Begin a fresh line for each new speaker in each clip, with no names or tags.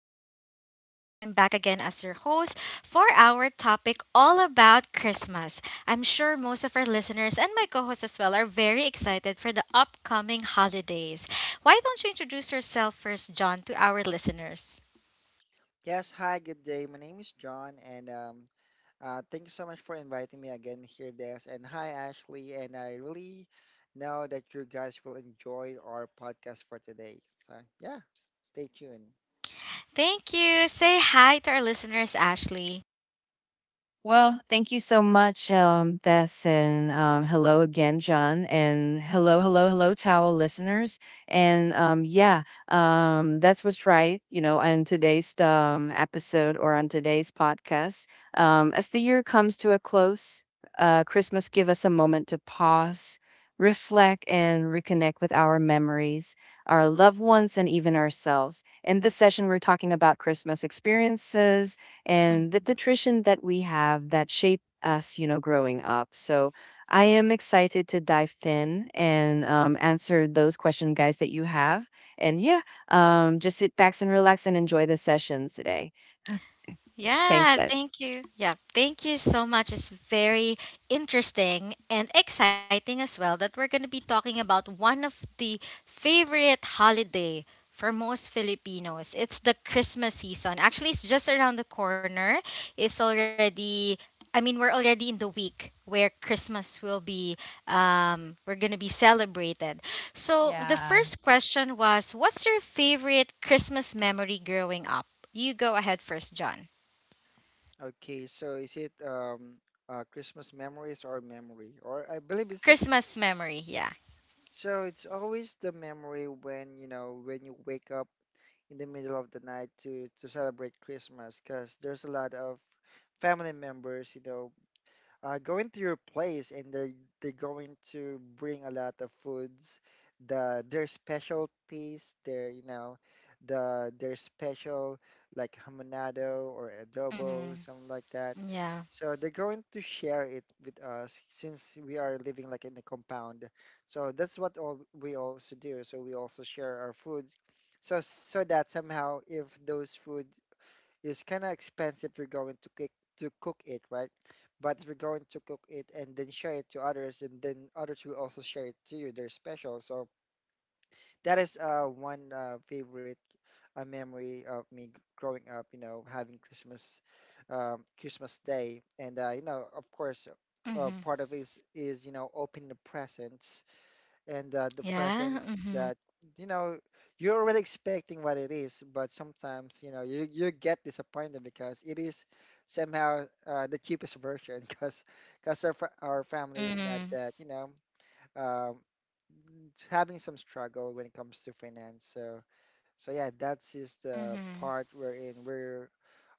our listeners. I'm back again as your host for our topic all about Christmas. I'm sure most of our listeners and my co hosts as well are very excited for the upcoming holidays. Why don't you introduce yourself first, John, to our listeners?
Yes, hi, good day. My name is John, and thank you so much for inviting me again here, Des. And hi, Ashley. And I really know that you guys will enjoy our podcast for today. So yeah, stay tuned.
Thank you. Say hi to our listeners, Ashley.
Well, thank you so much, Tess, and hello again, John, and hello, hello, hello, towel listeners, and yeah, that's what's right, on today's episode or on today's podcast. As the year comes to a close, Christmas give us a moment to pause, reflect, and reconnect with our memories, our loved ones, and even ourselves. In this session, we're talking about Christmas experiences and the nutrition that we have that shaped us, growing up. So I am excited to dive in and answer those question guys, that you have. And yeah, just sit back and relax and enjoy the sessions today. Thanks,
Yeah,
that.
thank you. Yeah, thank you so much. It's very interesting and exciting as well that we're going to be talking about one of the favorite holiday for most Filipinos. It's the Christmas season. Actually, it's just around the corner. It's already I mean, we're already in the week where Christmas will be we're going to be celebrated. So, the
Yeah.
first question was, what's your favorite Christmas memory growing up? You go ahead first, John.
Okay, so is it Christmas memories or memory? Or I believe it's
Christmas memory, yeah.
so. It's always the memory when you wake up in the middle of the night to celebrate Christmas, because there's a lot of family members, going to your place, and they're going to bring a lot of foods, their specialties, their you know, the their special, like hamonado or adobo,
Mhm.
something like that.
Yeah.
So they're going to share it with us, since we are living like in a compound. So that's what all we also do. So we also share our foods, so that somehow, if those food, it's kind of expensive if you're going to cook it, right? But if you're going to cook it and then share it to others, and then others will also share it to you, they're special. So that is one favorite memory of me growing up, having Christmas, Christmas Day, and of course,
Mhm.
part of it is opening the presents, and the
Yeah.
presents
Mhm.
that you know you're already expecting what it is, but sometimes you get disappointed, because it is somehow the cheapest version because our our family is not
Mhm.
that, um, it's having some struggle when it comes to finance. So yeah, that's just the
Mhm.
part wherein we're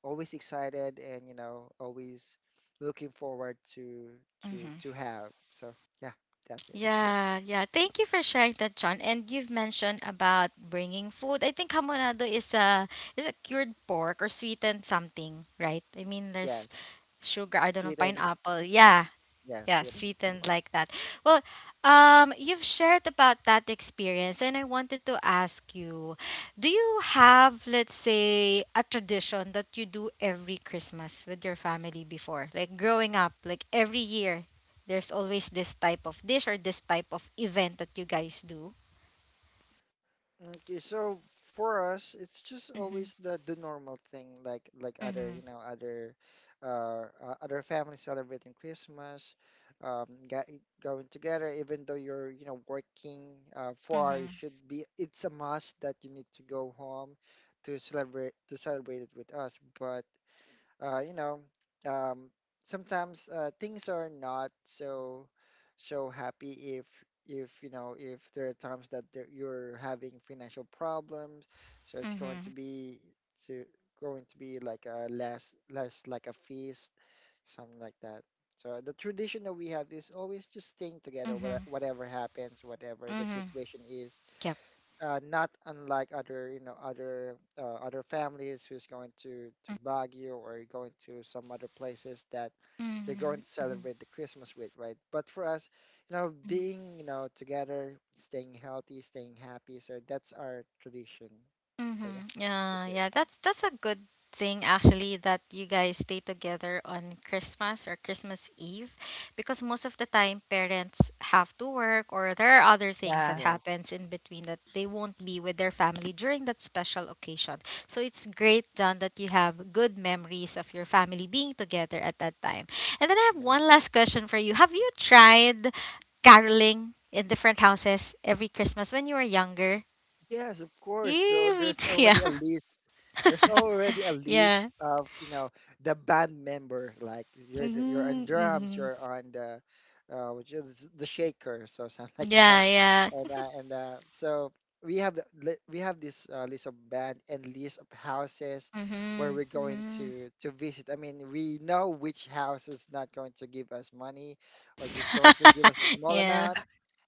always excited and always looking forward to to
Mhm.
to have. So yeah, that's it.
Yeah, yeah. Thank you for sharing that, John. And you've mentioned about bringing food. I think hamonado is a cured pork or sweetened something, right? I mean, there's
Yes,
sugar. I don't know
sweet and.
pineapple. Yeah,
Yeah,
yeah,
sweet and
sweetened
pork.
like that. Well, you've shared about that experience, and I wanted to ask you, do you have, let's say, a tradition that you do every Christmas with your family before? Like growing up, like every year, there's always this type of dish or this type of event that you guys do.
Okay, so for us, it's just
Mhm.
always the normal thing, like other
Mhm.
you know other other families celebrating Christmas, ga going together. Even though you're working far, it
Mhm.
should be. It's a must that you need to go home to celebrate it with us. But uh, you know, um, sometimes things are not so happy, if if there are times that there, you're having financial problems, so it's going to
Mhm.
be to like a less, like a feast, something like that. So the tradition that we have is always just staying together,
Mhm.
whatever happens, whatever the
Mhm.
situation is,
Yep.
not unlike other families who's going to Baguio or going to some other places that they're going to
Mhm.
celebrate the Christmas with, right? But for us,
Mhm.
being together, staying healthy, staying happy, so that's our tradition. So yeah,
Mm-hmm. Yeah,
that's it.
yeah, that's a good thing actually that you guys stay together on Christmas or Christmas Eve because most of the time parents have to work or there are other things that
Yeah.
Yes.
happens in between that they won't be with their family during that special occasion. So it's great, John, that you have good memories of your family being together at that time. And then I have one
Yes,
last question for you. Have you tried caroling in different houses every Christmas when you were younger?
yes, of course. So
Yeah, me
there's
too.
already a list,
Yeah. Yeah.
of the band member, like you're on
Mm-hmm.
drums,
Mm-hmm.
you're on the, which is, the shakers or something like
Yeah,
that.
yeah.
And uh, and uh, so we have we have this list of band and list of houses where
Mhm.
we're going
Mhm.
to visit. I mean, we know which house is not going to give us money, or just going to give us a small
Yeah.
amount,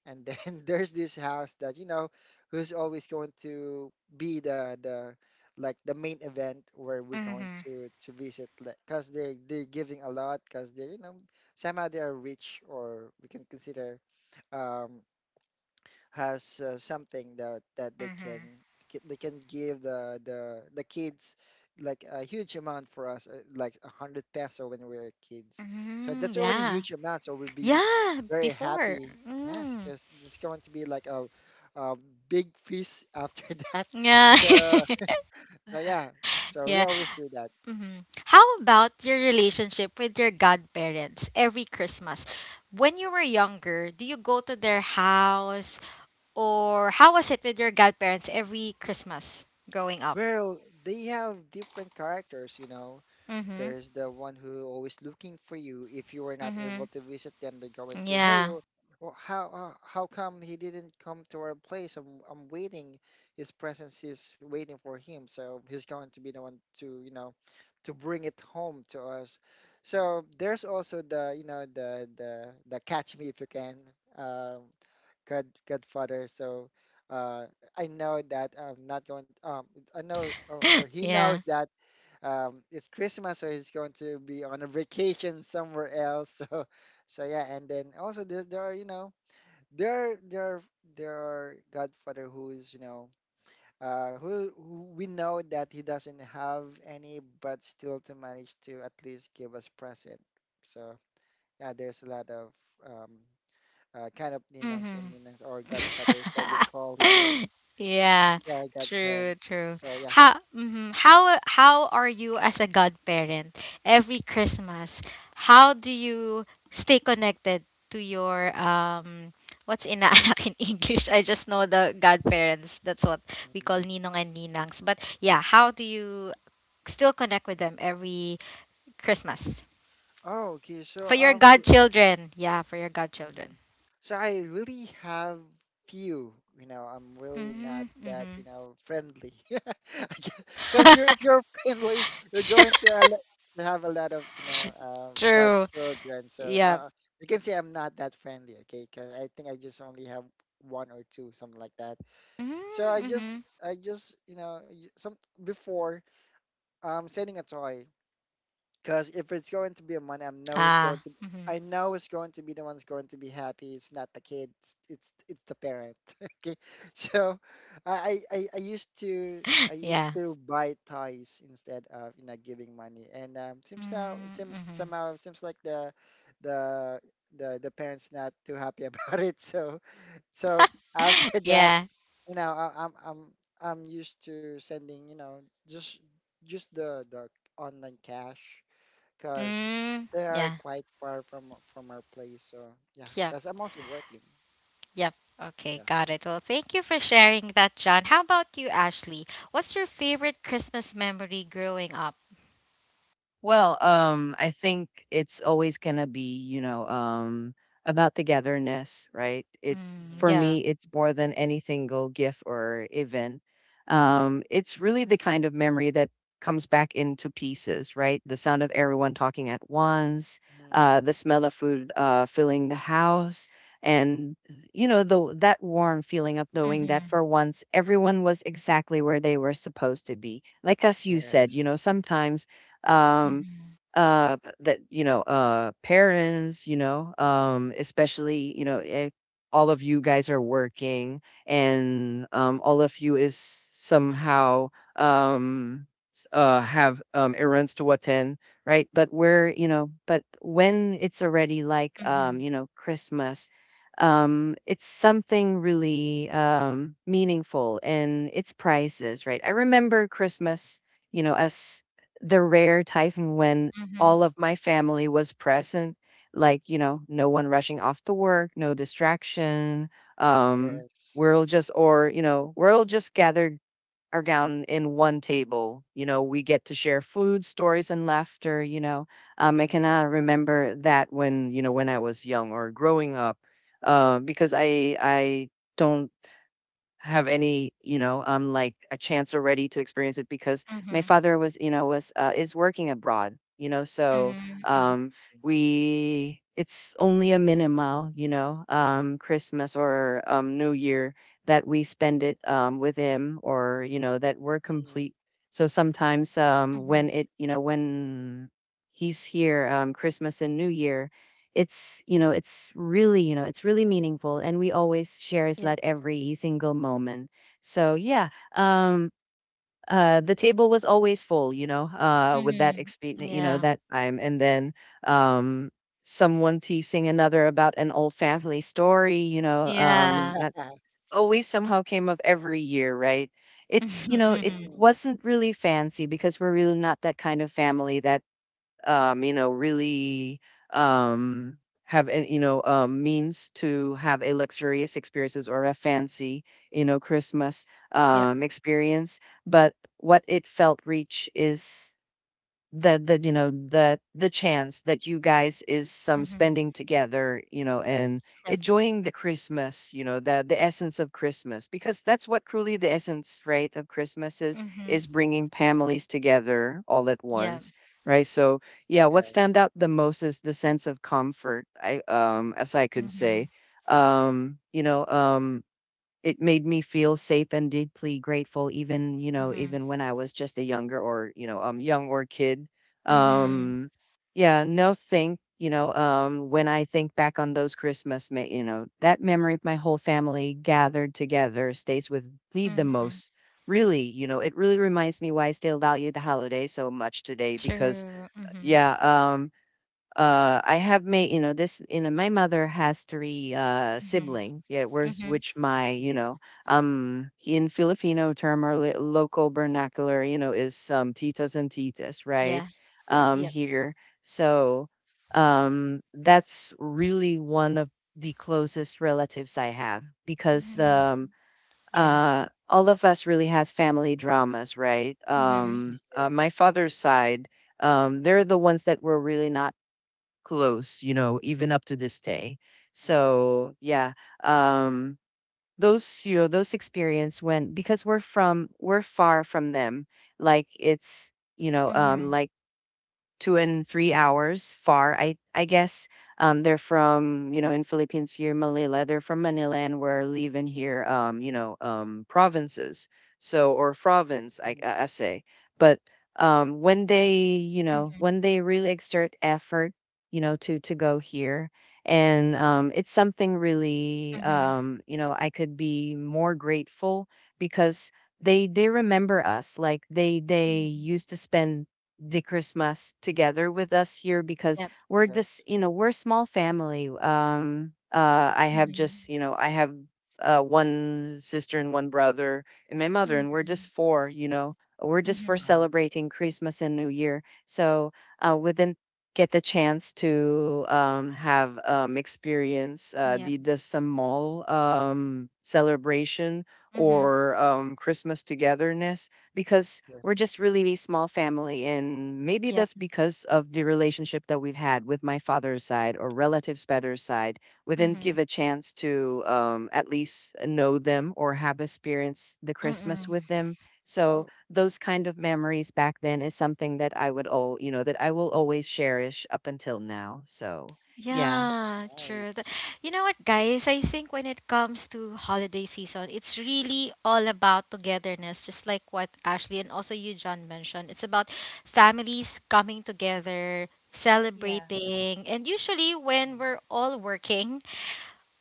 and then there's this house that, who's always going to be the, like the main event where we're going
Mhm.
to visit, because they're giving a lot, because they're somehow they are rich, or we can consider, um has something that they can,
Mhm.
they can give the kids, like a huge amount for us, like 100 peso when we were kids. So
Mhm.
that's already
Yeah.
huge amount, so we'll be
Yeah.
very
Before.
happy, yes,
Mm.
because there's going to be like a big feast after that.
Yeah.
so, so yeah, so we
Yeah.
always do that.
Mhm. How about your relationship with your godparents every Christmas? When you were younger, do you go to their house, or how was it with your godparents every Christmas growing up?
Well, they have different characters, you know.
Mhm.
There's the one who always looking for you. If you are not able to visit them, they're going to, hey,
Yeah.
oh, oh, how come he didn't come to our place? I'm, waiting. His presence is waiting for him, so he's going to be the one to bring it home to us. So there's also the, Catch Me If You Can, uh, Godfather. So uh, I know that I'm not going. I know, or, he knows
Yeah.
that, it's Christmas, so he's going to be on a vacation somewhere else. So, yeah, and then also there are you know there there there are Godfather, who is, who we know that he doesn't have any, but still to manage to at least give us present. So yeah, there's a lot of um, kind of ninongs
Mm-hmm.
and ninangs, or Godfathers that we call here,
Yeah.
yeah,
True,
godparents.
true.
So yeah.
How mhm. How are you as a godparent every Christmas? How do you stay connected to your what's inaanak in English? I just know the godparents. That's what we call
Mhm.
ninong and ninangs. But yeah, how do you still connect with them every Christmas?
Oh, okay. So
For your godchildren. Yeah, for your
Mm.
godchildren.
So I really have few, I'm really not
Mm,
that,
mhm.
friendly. Because you're if you're friendly, you're going to to have a lot of,
True.
godchildren. So
Yep.
you can say I'm not that friendly, okay? Because I think I just only have one or two, something like that.
Mm,
So I just,
mhm.
some before sending a toy. Because if it's going to be a money, I know it's going
Ah.
to.
Mhm.
I know it's going to be the one's going to be happy. It's not the kids. It's the parent. Okay, so I used
Yeah.
to buy toys instead of giving money, and
Mm, mhm.
somehow it seems like the the parents not too happy about it. So so after that,
Yeah.
I, I'm used to sending you know just just the online cash, because
Mm,
they are
yeah.
quite far from our place. So yeah,
Yep.
because I'm also working.
Yep. Okay,
Yeah.
got it. Well, thank you for sharing that, John. How about you, Ashley? What's your favorite Christmas memory growing up?
Well, I think it's always gonna be, about togetherness, right? It
Mm,
Hmm,
For
yeah.
me, it's more than any single gift or event. It's really the kind of memory that comes back into pieces, right? The sound of everyone talking at once,
hmm.
the smell of food filling the house, and you know, the that warm feeling of knowing that
Mhm.
for once everyone was exactly where they were supposed to be. Like as you said,
Yes.
sometimes um
Mhm.
that parents especially if all of you guys are working and all of you is somehow um have errands to attend, right? But we're, but when it's already like
Mhm.
Christmas, it's something really meaningful, and it's prices, right? I remember
Mm.
Christmas, as the rare time when
Mhm.
all of my family was present, like, no one rushing off to work, no distraction. Um,
Yes.
we're all just gathered around in one table. We get to share food, stories, and laughter. I cannot
Mm-hmm.
remember that when, when I was young or growing up, because don't have any, like a chance already to experience it because my
Mhm.
father was, you know, was is working abroad, so
Mhm. Mhm.
um, we it's only a minimal, Christmas or New Year that we spend it with him or that we're complete. So sometimes when
Mhm.
it, you know, when he's here, Christmas and New Year, it's really meaningful, and we always shares
Yep.
that every single moment. So yeah, um the table was always full, with that
Mhm.
experience,
Yeah.
that time. And then um someone teasing another about an old family story,
Yeah.
that
Yeah.
always somehow came up every year, right? it
Mhm,
you know it
mhm.
Mm-hmm.
wasn't really fancy because we're really not that kind of family that really um, have, means to have a luxurious experiences or a fancy, Christmas
Yep.
Mm-hmm.
experience. But what it felt rich is the chance that you guys is some
Mhm.
spending together, and
Yes.
Yep.
enjoying the Christmas, the essence of Christmas, because that's what truly the essence, right, of Christmas is
Mhm.
is bringing families together all at
Yeah.
once, right? So yeah, what
Yes.
stand out the most is the sense of comfort. I, as I could say,
Mhm.
um you know um it made me feel safe and deeply grateful, even,
Mhm.
even when I was just a younger, or, young or kid.
Mhm.
Um yeah no think, when I think back on those Christmas, that memory of my whole family gathered together stays with me the
Mhm.
most, really. It really reminds me why I still value the holiday so much today. Because
True. Mhm.
yeah, um, I have made you know this you know my mother has three
Mhm.
sibling, yeah, where's
Mhm.
which my,
Mm.
in Filipino term or local vernacular, is titas and titas, right?
Yeah. Yep.
Yes.
Here. So that's really one of the closest relatives I have because
Mhm. Yeah.
all of us really has family dramas, right?
Mhm.
My
Yes.
father's side, they're the ones that were really not close, even up to this day.
Mhm,
So yeah, um, those you know those experience when, because we're far from them. Like it's,
Mhm.
like, 2 and 3 hours far. I guess, they're from, in Philippines here, Manila. They're from Manila and we're leaving here, provinces. So, or province, I,
mhm,
I say. But
Mhm.
when they really exert effort, to go here, and it's something really,
Mhm.
I could be more grateful because they remember us. Like they
Mhm.
used to spend the Christmas together with us here because
Yep.
we're just,
yes.
we're a small family. I have just,
Mhm.
you know, I have one sister and one brother and my mother, and we're just
Mhm.
four, we're just for
Mhm.
Uh,
celebrating Christmas and New Year. So we didn't get the chance to have experience
Yep.
the small celebration
Mhm.
or Christmas togetherness because
yes.
we're just really a small family, and maybe
Yep.
that's because of the relationship that we've had with my father's side or relatives better side. We didn't
Mhm.
Mhm.
give a chance to, at least know them or have experience the Christmas
Mm-mm.
with them. So
Oh,
those kind of memories back then is something that I would all you know that I will always cherish up until now. So
mhm,
yeah.
it's
Yeah, true.
nice.
You know what, guys? I think when it comes to holiday season, it's really all about togetherness, just like what Ashley and also you, John, mentioned. It's about families coming together,
Yeah.
celebrating, and usually when
Mhm,
we're all working,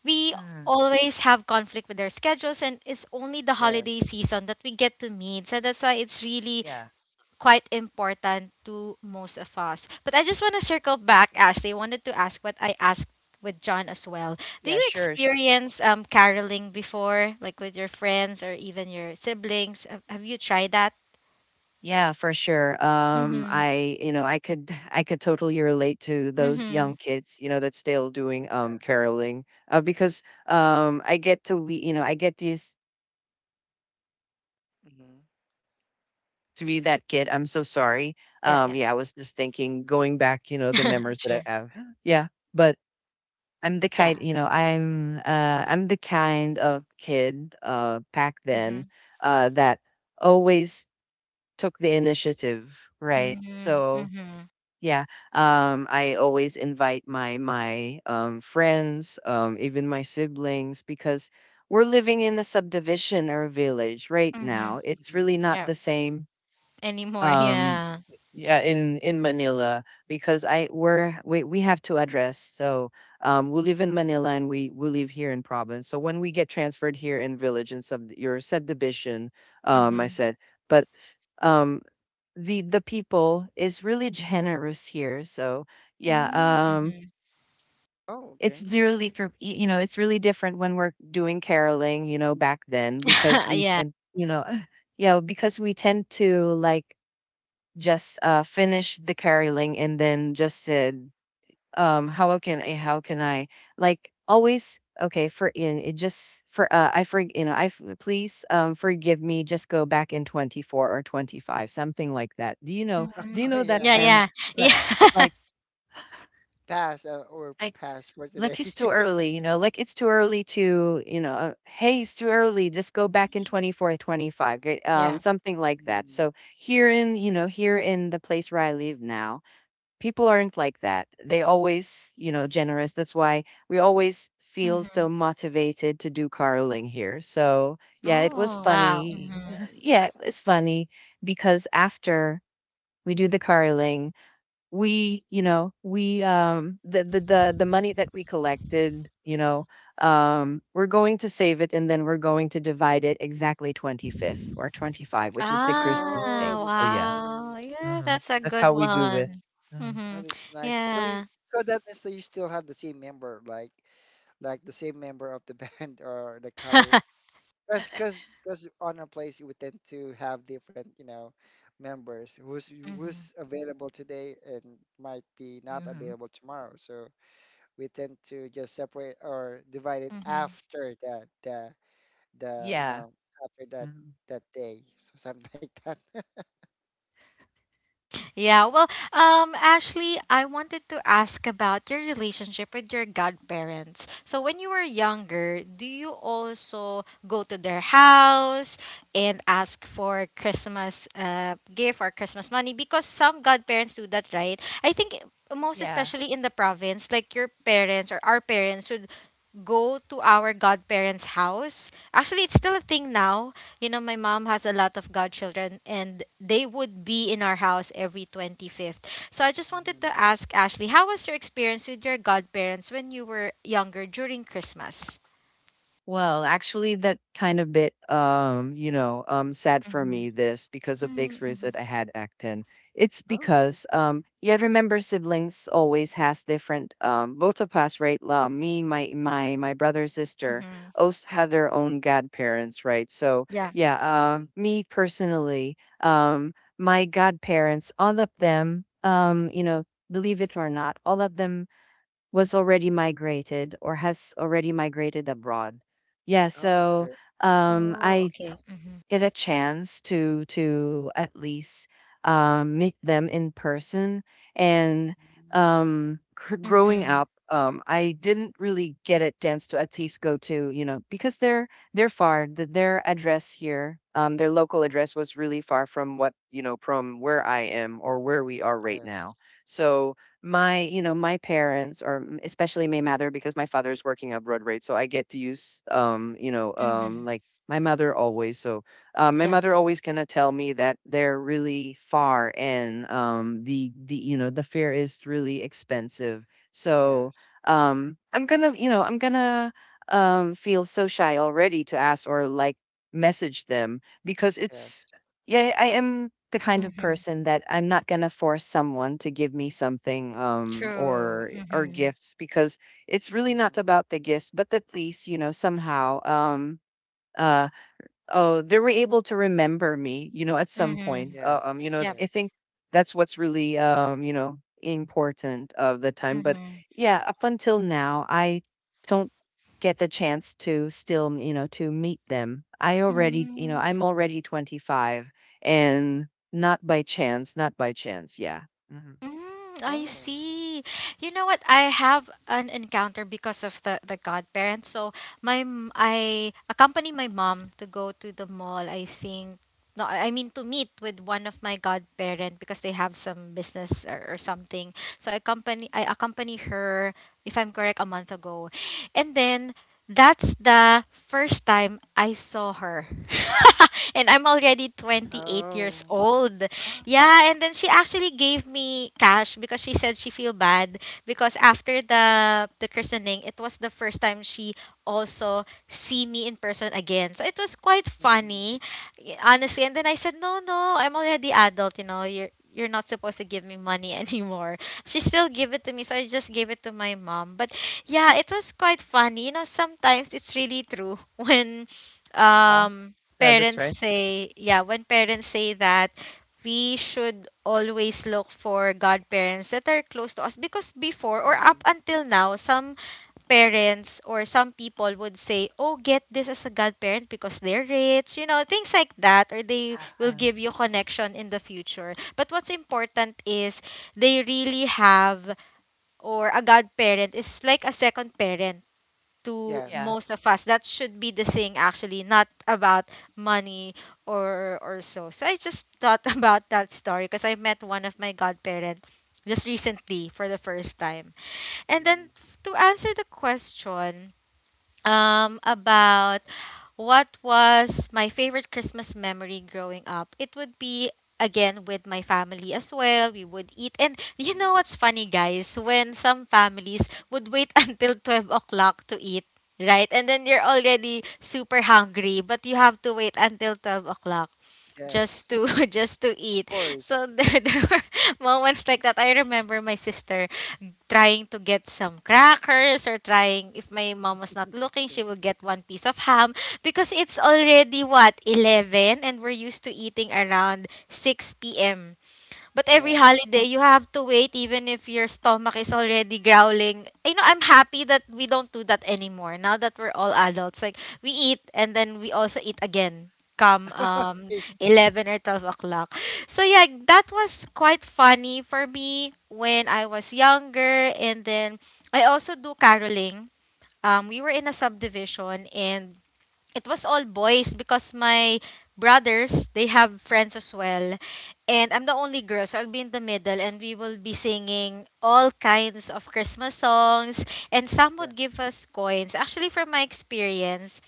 we
Mm,
always have conflict with our schedules, and it's only the
yes.
holiday season that we get to meet. So that's why it's really
yeah,
quite important to most of us. But I just want to circle back, Ashley. I wanted to ask what I asked with John as well. Do
yeah,
you
sure, sure.
experience caroling before, like with your friends or even your siblings? Have you tried that?
Yeah, for sure.
Mm-hmm.
I, you know, I could totally relate to those
Mm-hmm.
young kids, that's still doing
Yeah.
caroling, because I get this
Mhm,
to be that kid. I'm so sorry.
Yeah,
Yeah, I was just thinking, going back, the
yeah.
memories that
Sure.
I have. Yeah, but I'm the kind,
Yeah.
you know, I'm, uh, I'm the kind of kid, back
Mm-hmm.
then, that always took the initiative, right?
Mm-hmm.
So
Mm-hmm.
yeah. I always invite my friends, even my siblings, because we're living in a subdivision or a village right
Mm-hmm.
now. It's really
mhm,
not
Yeah.
the same.
Anymore.
Um,
Yeah.
yeah, in Manila because I we're we have to address. So we live in Manila and we live here in province. So when we get transferred here in village and subdivision, I
Mm-hmm.
said. But um the people is really generous here. So yeah,
mhm.
Mm-hmm.
Oh,
it's
okay.
really for it's really different when we're doing caroling, back then, because we
Yeah.
and yeah, because we tend to like just finish the caroling, and then just how can I like always, okay? for in it just for I for you know I f- please forgive me, just go back in 24 or 25, something like that. Do you know
Mm-hmm.
do you
Oh,
know that
Yeah,
yeah.
yeah.
like
Yeah,
Yeah.
like
pass, or
I
pass for today.
like it's too early. Like it's too early to, hey, it's too early, just go back in 24 25, great,
Yeah.
something like that.
Mm,
So here in, here in the place where I live now, people aren't like that. They always, generous. That's why we always feel so
Mm-hmm.
motivated to do caroling here. So yeah, it was
mm.
Oh, wow.
That's
funny.
Mhm.
Yeah, it
nice.
was funny because after we do the caroling, we, you know, we the money that we collected, we're going to save it and then we're going to divide it exactly 25th or 25, which is the Christmas
Oh,
Ah,
thing.
that's
Oh yeah.
nice.
wow. Yeah,
Mhm.
that's a
That's
good
how we do it.
one.
Mhm.
Oh,
Mhm.
that's nice. So you,
Yeah.
so that means that you still have the same member, like the same member of the band or the color. Because on our place we tend to have different, members who's
Mhm.
who's available today and might be not
Hmm.
available tomorrow. So we tend to just separate or divide it
Mhm.
after the you
Yeah.
know after that
Mhm.
that day, so something like that.
Yeah, well, Ashley, I wanted to ask about your relationship with your godparents. So, when you were younger, do you also go to their house and ask for Christmas gift or Christmas money? Because some godparents do that, right? I think most
Yeah.
especially in the province, like your parents or our parents would go to our godparents' house. Actually, it's still a thing now. You know, my mom has a lot of godchildren and they would be in our house every 25th. So I just wanted
Hmm.
to ask Ashley, how was your experience with your godparents when you were younger during Christmas?
Well, actually, that kind of bit, sad for me.
Mm-hmm.
This because of the experience
Mm-hmm.
that I had acting. It's
Oh,
because, yeah, remember siblings always has different, both of us, right? Me, my, my brother, sister,
Mm-hmm.
also have their own godparents, right? So,
Yeah.
yeah,
hmm,
me personally, my godparents, all of them, believe it or not, all of them was already migrated or has already migrated abroad. Yeah,
oh, okay.
so
Oh,
I
okay. Mm-hmm.
get a chance to at least meet them in person. And
Mm-hmm.
growing
Mm-hmm.
up, I didn't really get a chance to at least go to, because they're far. Their address here, their local address was really far from what, from where I am or where we are right
Yes.
now. So, my my parents especially my mother, because my father is working abroad, right? So I get to use
Mm-hmm.
like my mother always, my
Yeah.
mother
Mhm.
always gonna tell me that they're really far, and the you know the fare is really expensive. So
Yes,
um, I'm gonna I'm gonna feel so shy already to ask or like message them, because
yes,
it's yeah, I am the kind of
Mm-hmm.
person that I'm not gonna force someone to give me something,
True.
or
Mm-hmm.
gifts, because it's really
hmm,
not about the gifts, but at least, you know, somehow, uh, oh, they were able to remember me, you know, at some
Mm-hmm.
point.
yes,
You know,
Yep.
yes.
I think that's what's really, you know, important of the time. But
Mm-hmm.
yeah, up until now, I don't get the chance to still, you know, to meet them. I
Oh,
already, you know, I'm
Mm-hmm.
already 25, and not by chance, not by chance. Yeah. hmm
Mm, I
oh,
see. You know what? I have an encounter because of the godparents. So I accompany my mom to go to the mall. I think no, I mean to meet with one of my godparent because they have some business or something. So I accompany her if I'm correct a month ago, and then that's the first time I saw her, and I'm already 28 years
oh,
old.
Ah.
Yeah, and then she actually gave me cash because she said she feel bad because after the christening, it was the first time she also see me in person again. So it was quite
hmm,
funny, honestly. And then I said, "No, no, I'm already adult, you know. You're not supposed to give me money anymore." She still gave it to me, so I just gave it to my mom. But yeah, it was quite funny. You know, sometimes it's really true when
Uh,
um
yeah, that's
parents
right.
say, yeah, when parents say that we should always look for godparents that are close to us because before or
hmm,
up until now, some parents or some people would say, oh, get this as a godparent because they're rich, you know, things like that, or they will
Uh-huh.
give you connection in the future. But what's important is they really have, or a godparent is like a second parent to
yes.
Yeah.
most of us. That should be the thing actually, not about money or so. So I just thought about that story because I met one of my godparents just recently for the first time. And
Mm-hmm.
then to answer the question, about what was my favorite Christmas memory growing up, it would be again with my family as well. We would eat. And you know what's funny, guys? When some families would wait until 12 o'clock to eat. Right? And then you're already super hungry, but you have to wait until 12 o'clock just
Yes.
to just to
Of
eat.
course.
So there, there were moments like that. I remember my sister trying to get some crackers, or trying, if my mom was not looking,
Okay.
she would get one piece of ham because it's already what, 11, and we're used to eating around 6 p.m. But every
Yes.
holiday, you have to wait even if your stomach is already growling. You know, I'm happy that we don't do that anymore. Now that we're all adults, like we eat and then we also eat again come 11 or 12 o'clock. So yeah, that was quite funny for me when I was younger. And then I also do caroling. We were in a subdivision and it was all boys because my brothers they have friends as well, and I'm the only girl, so I'll be in the middle and we will be singing all kinds of Christmas songs. And some would
Yes.
give us coins, actually. From my experience,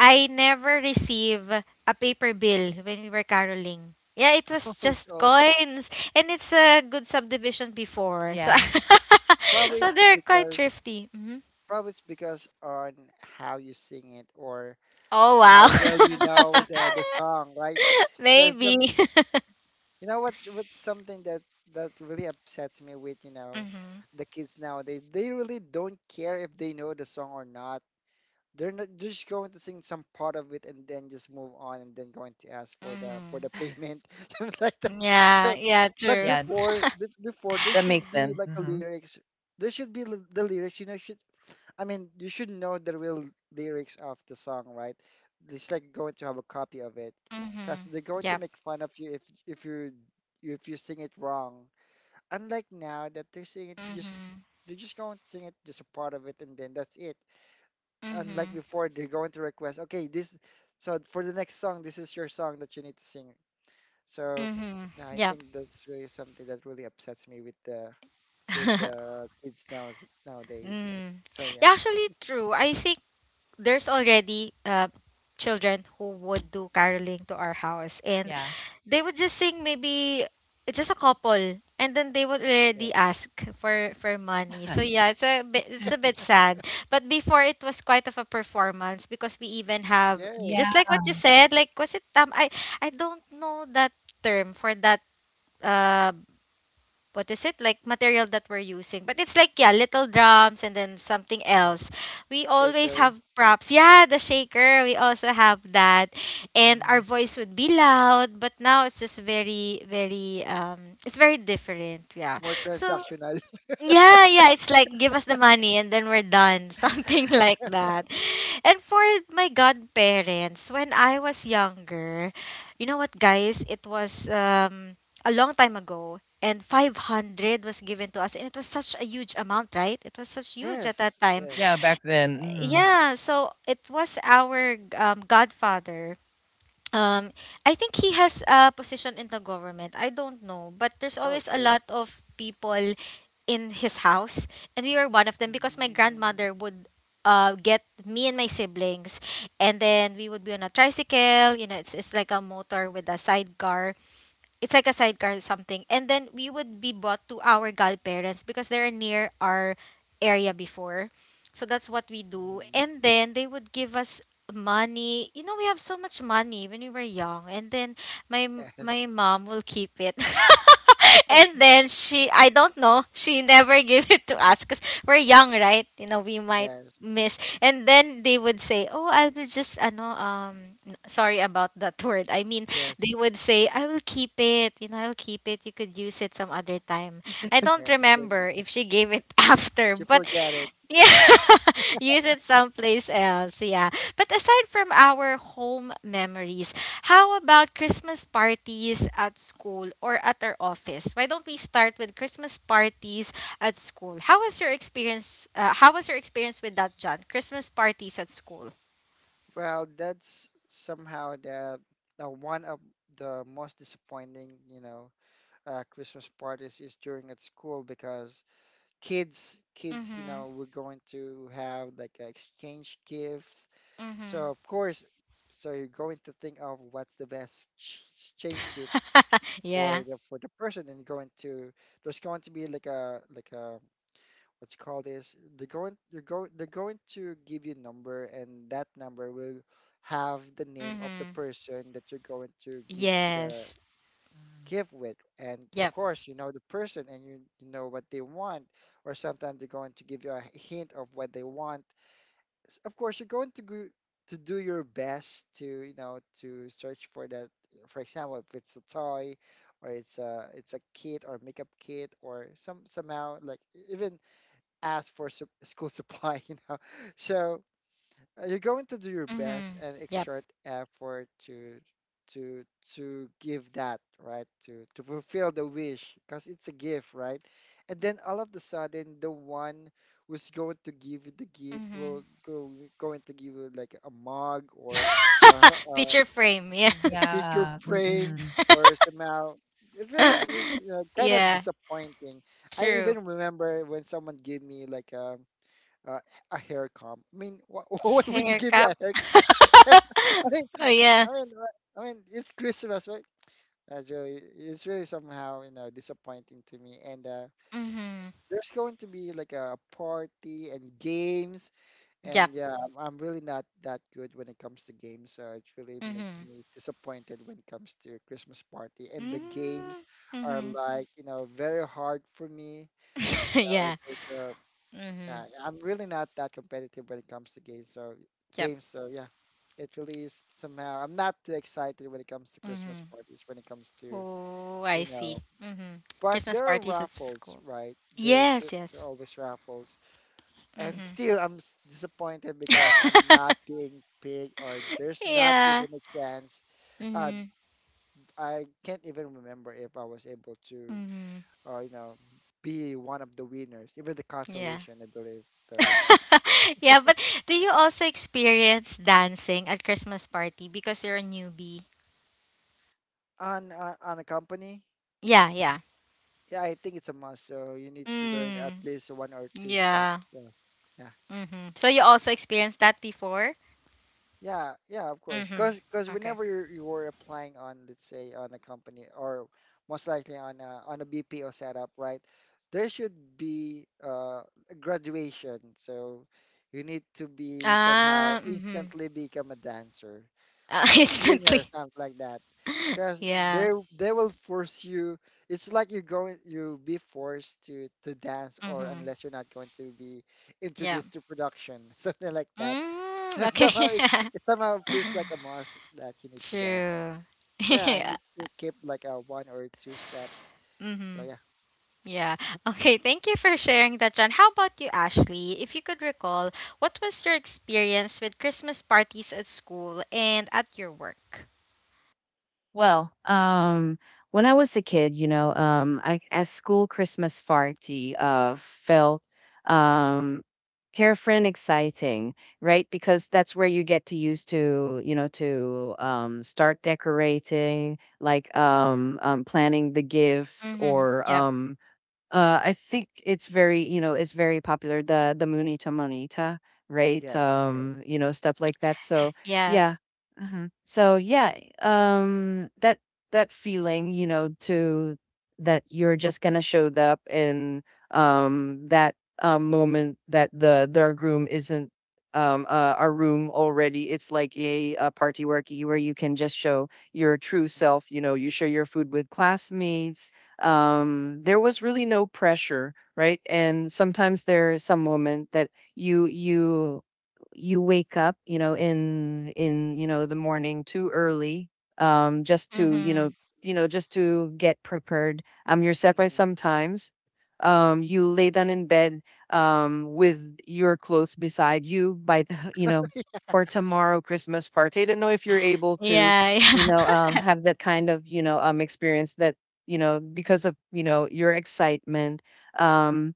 I never receive a paper bill when we were caroling. Yeah, it was
Oh,
just
it's
coins, and it's a good subdivision before, so
Yeah.
probably,
so
it's
they're quite
because
thrifty. Hmm.
probably it's because on how you sing it, or.
Oh, wow.
How well you know the song, right? Because
Maybe.
you know what's something that really upsets me, with
Mhm.
the kids nowadays. They really don't care if they know the song or not. They're not, they're just going to sing some part of it and then just move on, and then going to ask for the for
Mhm.
the payment, something like that.
Yeah,
So,
yeah,
but
true.
Yeah.
before, there
That makes
should be
sense.
like a lyrics. There should be the lyrics. Should I mean, you should know the real lyrics of the song, right? It's like going to have a copy of it, because
Mhm.
they're going to
Yep.
make fun of you if you sing it wrong. Unlike now that they're singing it just,
Mhm.
they're just going to sing it just a part of it, and then that's it. Unlike
Mhm.
before, they're going to request, okay, this, for the next song, this is your song that you need to sing. So
Mhm.
yeah, I
Yep.
think that's really something that really upsets me with the with the kids nowadays.
Mm.
So yeah,
Yeah, actually true. I think there's already children who would do caroling to our house and
Yeah.
they would just sing maybe just a couple and then they would already
yes.
ask for money. So yeah, it's a bit, it's a bit sad. But before it was quite of a performance because we even have,
Yes,
Yeah.
just like what you said, like, was it, um, I don't know that term for that, uh, what is it, like material that we're using, but it's like, yeah, little drums and then something
yes,
else. We always
shaker.
have props, yeah, the shaker, we also have that. And our
Um,
voice would be loud, but now it's just very very um, it's very different. Yeah,
It's more
so
transactional.
yeah, yeah, it's like give us the money and then we're done, something like that. And for my godparents, when I was younger, guys, it was a long time ago and 500 was given to us and it was such a huge amount, right? It was such huge at that
Yes,
time.
yeah,
yes.
back then. Mhm.
Yeah, so it was our godfather. um I think he has a position in the government. I don't know, but there's always a
Okay.
lot of people in his house and we were one of them because my
Mm-hmm.
grandmother would get me and my siblings, and then we would be on a tricycle. It's like a motor with a sidecar, it's like a sidecar or something. And then we would be brought to our godparents because they're near our area before. So that's what we do. And then they would give us money. You know, we have so much money when we were young. And then my my
Yes,
mom will keep it. And then she, I don't know, she never gave it to us, cuz we're young, right? You know, we might
yes,
miss, and then they would say, oh, I will just ano, sorry about that word, I mean,
yes,
they would say, I will keep it. You know, I'll keep it. You could use it some other time. I don't
yes. Then
remember if she gave it after,
you
but
forget it.
yeah, use it someplace else. Yeah. But aside from our home memories, how about Christmas parties at school or at our office? Why don't we start with Christmas parties at school? How was your experience? How was your experience with that, John? Christmas parties at school.
Well, that's somehow the one of the most disappointing, Christmas parties is during at school, because
Mm-hmm.
we're going to have like, exchange gifts. So
Mm-hmm.
of course, so you're going to think of what's the best exchange gift for
Yeah.
the person, and you're going to, there's going to be like a what you call this, they're going they're going to give you a number, and that number will have the name of the
Mm-hmm.
person that you're going to give the
Yes.
Um,
give with. And of
Yep.
course you know the person and you know what they want, or sometimes they're going to give you a hint of what they want. Of course you're going to go to do your best to, you know, to search for that. For example, if it's a toy, or it's a kit, or makeup kit, or some somehow like even ask for school supply, you know. So you're going to do your best
Mm-hmm.
and
Yep.
exert effort to to to give that, right? To fulfill the wish, because it's a gift, right? And then all of the sudden, the one who's going to give you the gift will
Mm-hmm.
go, going to give you like a mug or a, a,
Picture frame. Yeah.
a picture
Yeah.
frame
Mm-mm.
or somehow. It really is kind of
Yeah.
disappointing. I
True.
even remember when someone gave me like uh, a hair comb. I mean, why would you
Hair
give me a
cup.
hair comb? Yes, I mean,
Oh yeah.
I mean, it's Christmas, right? That's really, it's really somehow, you know, disappointing to me. And
Mm-hmm.
there's going to be like a party and games,
Yep.
and yeah, I'm really not that good when it comes to games, so it really makes
Mm-hmm.
me disappointed when it comes to Christmas party. And the games are
Mm-hmm.
like, you know, very hard for me. You know,
Yeah.
there's,
Mm-hmm.
yeah, I'm really not that competitive when it comes to games. So
Yep.
so yeah, it really is somehow. I'm not too excited when it comes to Christmas
Mm-hmm.
parties. When it comes to,
Oh, I
you
see.
know,
Mm-hmm.
but
Christmas
there are
parties at
raffles,
school.
right?
Yes.
There are
Yes.
always raffles, and
Mm-hmm.
still I'm disappointed because I'm not being big, or there's not
Yeah.
even a chance. Uh,
Mm-hmm.
I can't even remember if I was able to,
Mm-hmm.
you know, be one of the winners, even the
Yeah.
consolation, I believe. So yeah.
Yeah, but do you also experience dancing at Christmas party because you're a newbie?
On a company,
Yeah, yeah.
yeah, I think it's a must. So you need to learn at
Mm,
least one or two steps.
yeah.
So yeah,
Mm-hmm. So you also experienced that before?
yeah, of course.
Mm-hmm.
Because
Okay.
whenever you were applying on, let's say, on a company, or most likely on on a BPO setup, right? There should be a graduation. So you need to be somehow
Ah, mm-hmm.
instantly become a dancer, or a singer, or
Instantly.
something like that, because
Yeah.
they will force you. It's like you're going, you'll be forced to dance, or
Mm-hmm.
unless you're not going to be
Yeah.
introduced to production something like that.
Mm,
So
okay.
somehow it, it somehow feels like a must that you need to dance.
True.
So yeah, I
Yeah.
need to keep like a one or two steps.
Mm-hmm.
So yeah.
Yeah. Okay. Thank you for sharing that, John. How about you, Ashley? If you could recall, what was your experience with Christmas parties at school and at your work?
Well, when I was a kid, you know, I at school Christmas party felt um carefree and exciting, right? Because that's where you get to use to, you know, to start decorating, like,
Mm.
planning the gifts
Mm-hmm.
or
Yep.
uh, I think it's very, you know, it's very popular, the Munita Monita, right?
Yes, yes.
You know, stuff like that. So
Yeah.
yeah. So yeah, that that feeling, you know, to that you're just gonna show up in that moment, that the groom isn't, a room already. It's like a party where you can just show your true
Mhm,
self. You know, you share your food with classmates, there was really no pressure, right? And sometimes there is some moment that you you you wake up, you know, in you know, the morning too early, just to, you know,
Mm-hmm.
you know, just to get prepared. You're set by
mhm,
sometimes, you lay down in bed, with your clothes beside you, by the, you know, for tomorrow Christmas party. I don't know if you're able to,
Yeah. Yeah.
you know, have that kind of, you know, experience that, you know, because of, you know, your excitement. um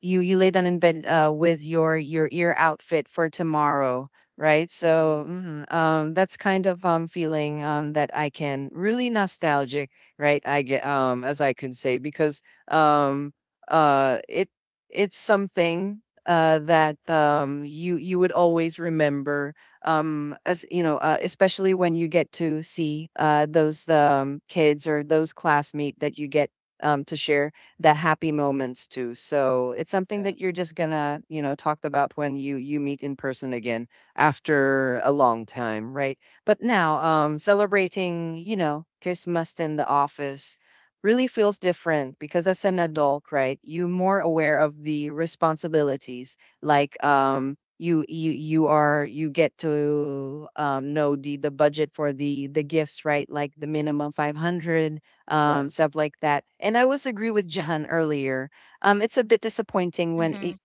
you lay down in bed with your ear outfit for tomorrow, right? So,
mhm.
mhm, that's kind of, feeling, that I can really nostalgic, right? I get, as I could say, because, um it it's something that, you you would always remember, as you know, especially when you get to see those kids or those classmate that you get to share the happy moments too. So it's something that
Yes,
you're just gonna, you know, talk about when you meet in person again after a long time, right? But now, celebrating, you know, Christmas in the office really feels different, because as an adult, right, you're more aware of the responsibilities. Like, you are you get to know the budget for the gifts, right? Like the minimum 500,
yes.
stuff like that. And I was agree with Jahan earlier. It's a bit disappointing when
Mm-hmm.
it,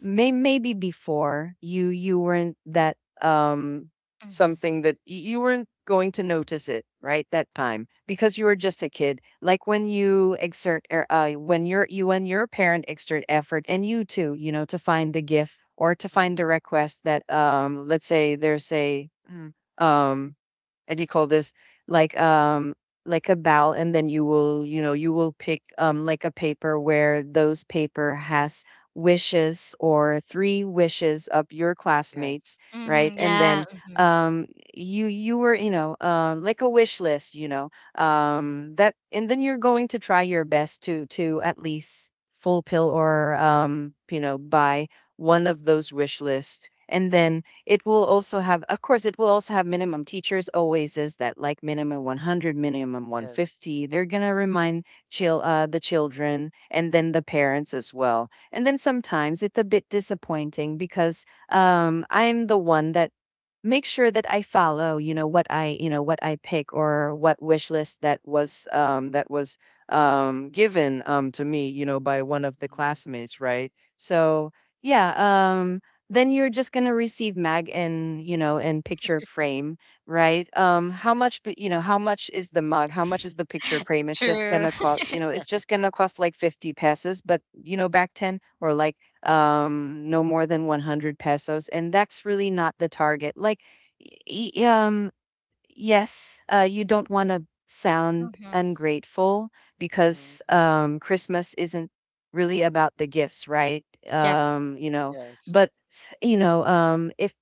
may maybe before you you weren't that,
Mm-hmm.
something that you weren't going to notice it, right, that time, because you were just a kid. Like when you exert when your you when your parent exert effort and you too, you know, to find the gift or to find the
Mhm,
request. That Let's say there's a um and you call this, like, like a bowel, and then you will, you know, you will pick, like a paper, where those paper has wishes or three wishes of your classmates,
yes.
Mm-hmm.
right? And
Yeah.
then,
Mm-hmm.
um you were, you know, like a wish list, you know,
Mhm,
that. And then you're going to try your best to at least fulfill or, you know, buy one of those wish lists. And then it will also have, of course, it will also have minimum. Teachers always is that like minimum 100, minimum
yes.
150. They're going to remind the children and then the parents as well. And then sometimes it's a bit disappointing, because I'm the one that make sure that I follow, you know, what I, you know, what I pick, or what wish list that was, that was, given to me, you know, by one of the
Mhm,
classmates, right? So yeah, then you're just going to receive mag, in, you know, in picture frame, right? How much, but you know how much is the mug, how much is the picture frame? It's just going
True.
to cost, you know, it's just going to cost like 50 pesos. But you know, back 10, or like, no more than 100 pesos, and that's really not the target. Like, y- y- um yes, you don't want to sound
Mm-hmm.
ungrateful,
mhm,
because, Christmas isn't really about the gifts, right?
Yep.
You know,
yes.
but, you know,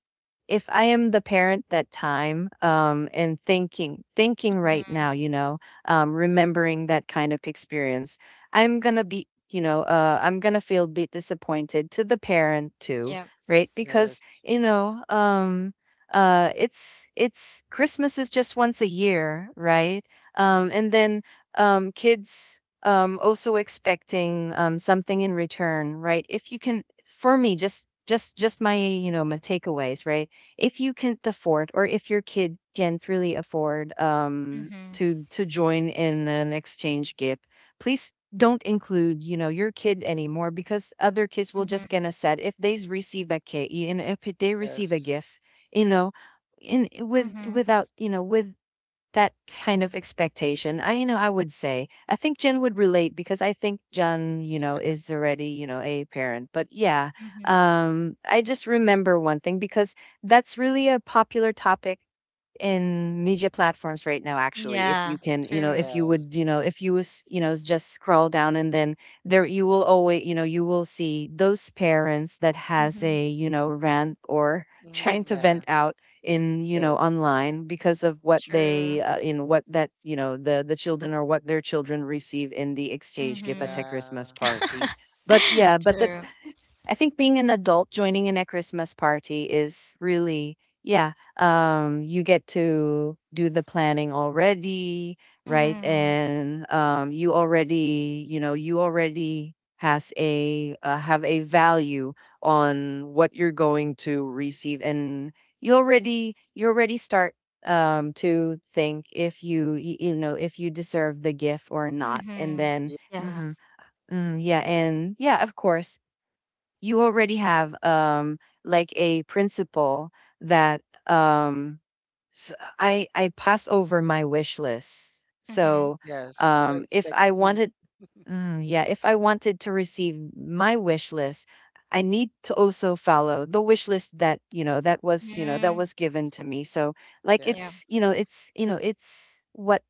if I am the parent that time, and thinking, thinking right
Mm-hmm.
now, you know, remembering that kind of experience, I'm gonna be, you know, I'm gonna feel a bit disappointed to the parent too,
Yep.
right? Because,
Yes.
you know, it's Christmas is just once a year, right?
Mm-hmm.
And then, kids, also expecting, something in return, right? If you can, for me, just my, you know, my takeaways, right? If you can't afford, or if your kid can't really afford,
Mm-hmm.
to join in an exchange gift, please don't include, you know, your kid anymore, because other kids will
Mm-hmm.
just gonna said, if they receive a kid, and if they receive a
Yes.
gift, you know, in with,
Mm-hmm.
without, you know, with that kind of expectation, I, you know, I would say, I think Jen would relate, because I think Jen, you know, is already, you know, a parent. But yeah,
Mm-hmm.
I just remember one thing, because that's really a popular topic in media platforms right now. Actually, if
Yeah.
you can, you know,
True.
if you
Yes.
would, you know, if you was, you know, just scroll down, and then there you will always, you know, you will see those parents that has
Mm-hmm.
a, you know, rant, or trying
Mm-hmm.
to
Yeah.
vent out in, you know,
Yes.
online, because of what
True.
they, in what that, you know, the children, or what their children receive in the exchange
Mm,
gift at a
Mm-hmm.
yeah.
Christmas party. But yeah, but that,
True.
I think being an adult joining in a Christmas party is really, yeah, you get to do the planning already, right?
Mm-hmm.
Mm-hmm.
And you already, you know, you already has a, have a value on what you're going to receive. And you already start to think if you know if you deserve the gift or not. And
Mm-hmm.
then,
Yes.
Yeah.
mhm, mm, yeah, and yeah, of course, you already have, like a principle that, I pass over my wish list.
Mm-hmm.
So,
Yes. So
if I
expecting.
wanted, mm, yeah, if I wanted to receive my wish list, I need to also follow the wish list that, you know, that was, you know, that
Mm-hmm.
was given to me. So, like,
Yeah.
Yes.
it's, you know, it's, you know, it's what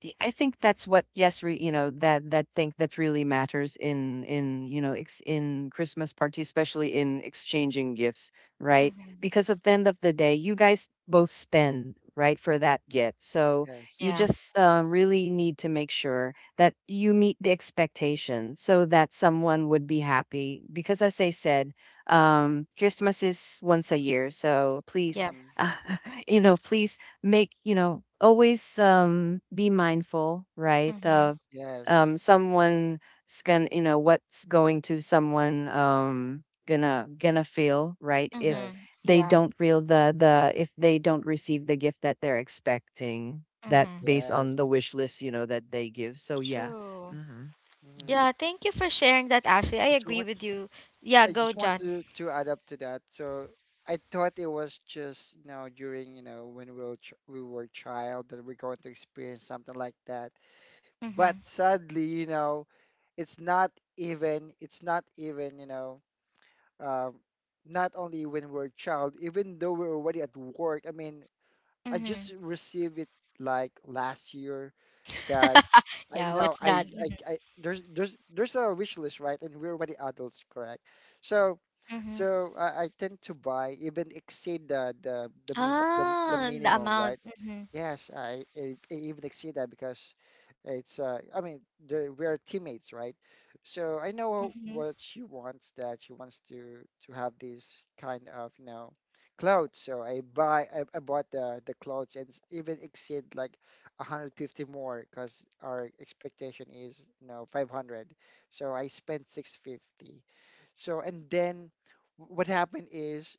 I think that's what, yes, re you know, that that thing that really matters in, you know, ex in Christmas party, especially in exchanging gifts, right?
Mm-hmm.
Because of the end of the day, you guys both spend, right, for that gift. So you
Yes.
Yeah.
just, really need to make sure that you meet the expectation, so that someone would be happy. Because as I said, Christmas is once a year, so please,
Yeah.
Mm-hmm.
you know, please make, you know, always, be mindful, right,
Mm-hmm.
of
Yes.
someone's gonna, you know, what's going to someone gonna gonna feel, right, if
Mm-hmm.
Yes.
they
Yeah.
don't feel the, if they don't receive the gift that they're expecting, that
Mm-hmm.
based on
Yes.
the wish list, you know, that they give. So yeah.
True.
Hmm.
Mm-hmm.
Yeah. Thank you for sharing that, Ashley. I
Just
agree
want.
with you. Yeah.
I
Go,
just want
John.
to add up to that. So I thought it was just, you know, during, you know, when we were ch we were child that we're going to experience something like that. But
Mm-hmm.
sadly, you know, it's not even, you know, um, not only when we're a child, even though we're already at work. I mean, I
Mm-hmm.
just received it like last year, that I you
Yeah.
know
What's
I,
that?
I
Mhm.
I there's there's a wish list, right, and we're already adults, correct? So
Mm-hmm.
I tend to buy, even exceed the the
Ah, the
minimum, right?
amount. Mm-hmm.
Yes, I even exceed that because it's, I mean, we're teammates, right? So I know
Mm-hmm.
what she wants, that she wants to have this kind of, you know, clothes. So I bought the clothes, and even exceed like 150 more because our expectation is, you know, 500. So I spent 650. So, and then what happened is,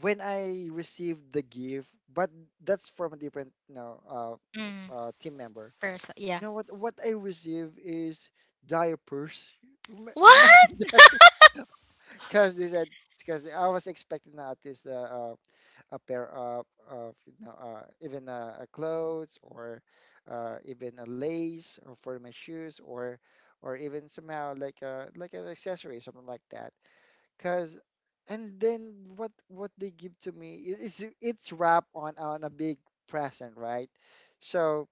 when I received the gift, but that's from a different, you know, uh,
Mm.
uh, team member.
Person.
You
Yeah.
know what? What I received is diapers.
What?
Imagine that, because they said, because I was expecting at least uh, a pair of, you know, even a clothes, or even a lace or for my shoes, or even somehow like a like an accessory, something like that. Because, and then what they give to me, it's wrapped on a big present, right? So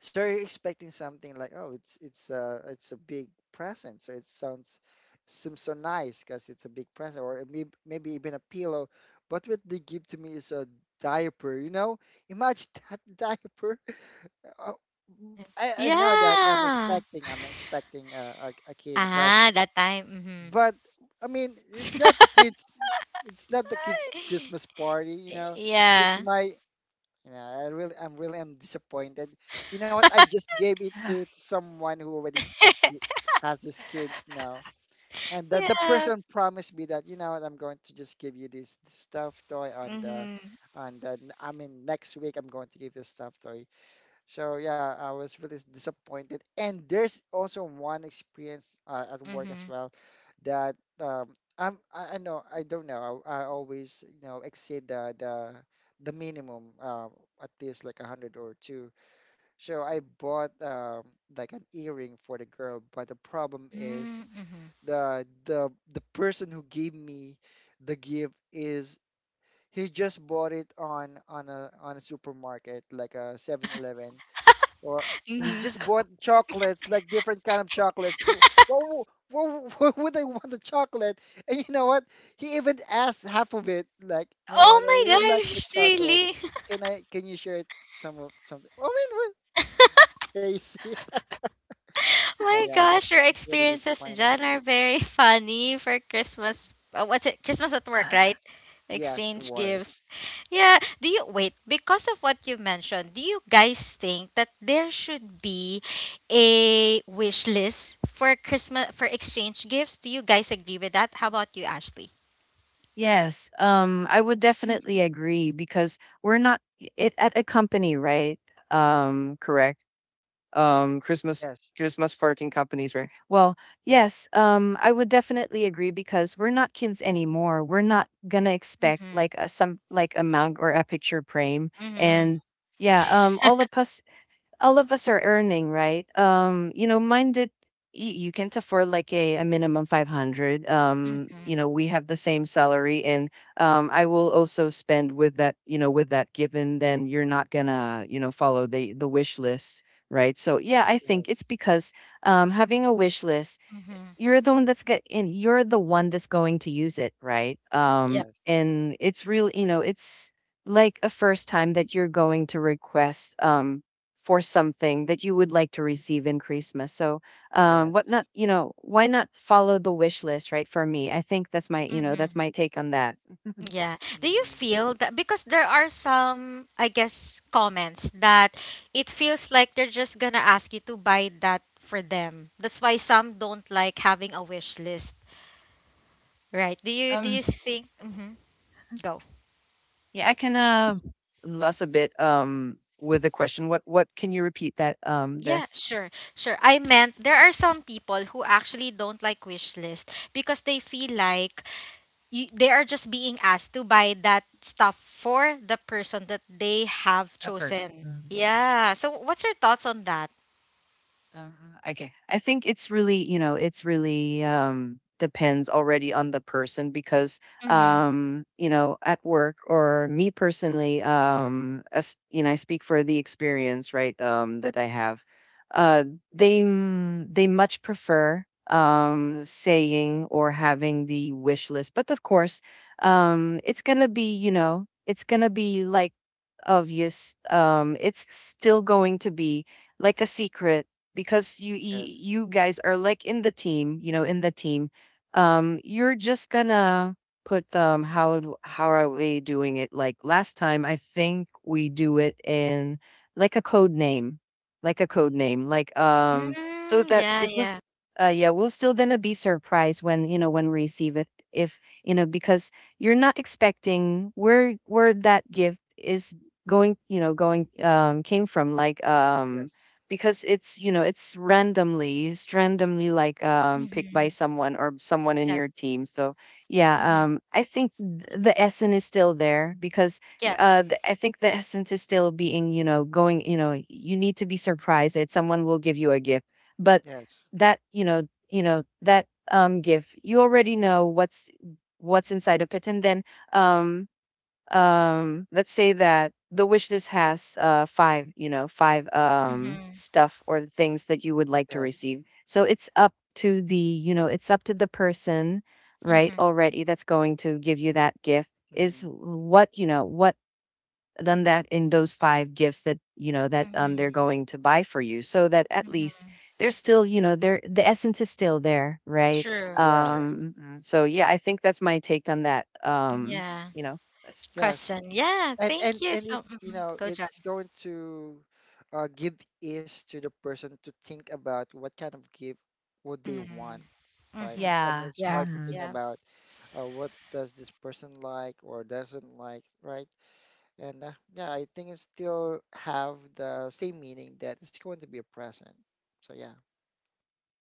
you're expecting something like, oh, it's, it's a big present. So it sounds, seems so nice because it's a big present, or maybe even a pillow. But what they give to me is a diaper. You know, imagine that, diaper. Oh, I know that
Yeah.
I'm expecting a kid,
Ah, that time.
but I mean it's not
Mm-hmm.
the kids. It's not the kids' Christmas party, you know. It's
Yeah.
my, you know, I'm really am disappointed. You know what? I just gave it to someone who already ki- has this kid, you know, and the
Yeah. Yes.
person promised me that, you know what? I'm going to just give you this, stuffed toy on the,
Mhm.
I mean, next week I'm going to give this stuffed toy. So yeah, I was really disappointed. And there's also one experience at work as
Mhm.
well, that I know, I don't know, I always, you know, exceed the the minimum at least like a hundred or two. So I bought, like an earring for the girl, but the problem is,
Mm, mhm.
the the person who gave me the gift is, he just bought it on on a supermarket like a 7-Eleven, or you
Mhm.
just bought chocolates, like different kind of chocolates. What would I want a chocolate? And you know what, he even asked half of it, like, you know
Oh
what, I
my
really like the
gosh,
chocolate,
really?
can I, can you share it some of something? I mean, what, crazy. So
My
yeah,
gosh, your
it's really
experiences,
disappointing.
John, are very funny for Christmas. What's it? Christmas at work, right?
Yes, it
Exchange
worked.
gifts. Yeah. Do you wait? Because of what you mentioned, do you guys think that there should be a wish list for Christmas for exchange gifts? Do you guys agree with that? How about you, Ashley?
Yes, I would definitely agree, because we're not, it at a company, right? Correct. Christmas,
Yes,
Christmas parting companies, right? Well,
yes,
yes, I would definitely agree, because we're not kids anymore. We're not gonna
Mm-hmm.
expect
Mm-hmm.
like a some like a mug or a picture frame,
Mm-hmm.
and yeah, all of us are earning, right? You know, mine did. You can't afford like a minimum 500. You know, we have the same salary, and I will also spend with that. With that given, then you're not gonna, follow the wish list, right? So yeah, I think
yes,
it's because having a wish list,
Mm-hmm.
you're the one that's get and you're the one that's going to use it, right?
yes,
And it's real, it's like a first time that you're going to request for something that you would like to receive in Christmas. So, what
yes.
not, why not follow the wish list, right? For me, I think that's my,
Mm-hmm.
that's my take on that.
Yeah. Do you
Hmm,
feel that because there are some, I guess, comments that it feels like they're just gonna ask you to buy that for them. That's why some don't like having a wish list, right? Do you do
Um,
you
s-
think? Mm-hmm. Go.
yeah, I can lost a bit with the question. What can you repeat that
Yeah,
this
sure, sure. I meant there are some people who actually don't like wish list because they feel like you, they are just being asked to buy that stuff for the person that they have
effort?
chosen. Yeah. So what's your thoughts on that?
Uh, okay. I think it's really, it's really depends already on the person because,
Mhm.
you know, at work or me personally, as you know, I speak for the experience, right, that I have. Uh, they they much prefer saying or having the wish list, but of course, it's gonna be, it's gonna be like obvious it's still going to be like a secret because
yes.
you guys are like in the team you know, in the team. You're just gonna put how are we doing it like last time I think we do it in like a code name, like a code
Hmm,
name, so
Mm,
that
yeah,
it was
yeah.
yeah, we'll still gonna be surprised when when we receive it if you know because you're not expecting where that gift is going, going came from,
yes,
because it's it's randomly, it's randomly picked
Mhm.
by someone or someone
Yep.
in your team. So
Mhm.
yeah, I think the essence is still there because
Yep.
I think the essence is still being going, you need to be surprised that someone will give you a gift, but
yes,
that you know that gift you already know what's inside of it. And then um let's say that the wish list has five, five
Mhm.
stuff or things that you would like to
yes.
receive. So it's up to the, it's up to the person, right,
Mhm.
already that's going to give you that gift, is
Hmm,
what what done that in those five gifts that you know that they're
Mhm.
going to buy for you, so that at least
Mhm.
there's still, there, the essence is still there, right?
True.
yes,
True.
So yeah, I think that's my take on that. um
Yeah.
you know
yes.
Question. Yeah.
and
Thank
and
you.
and
So,
it, you
mhm.
know,
Go, John.
it's going to give ease to the person to think about what kind of gift would they
Mhm.
want, right?
Mhm.
I mean,
Yeah,
it's
Yeah.
hard to
mhm.
think
Yeah.
about what does this person like or doesn't like, right? And yeah, I think it still have the same meaning, that it's going to be a present. So yeah,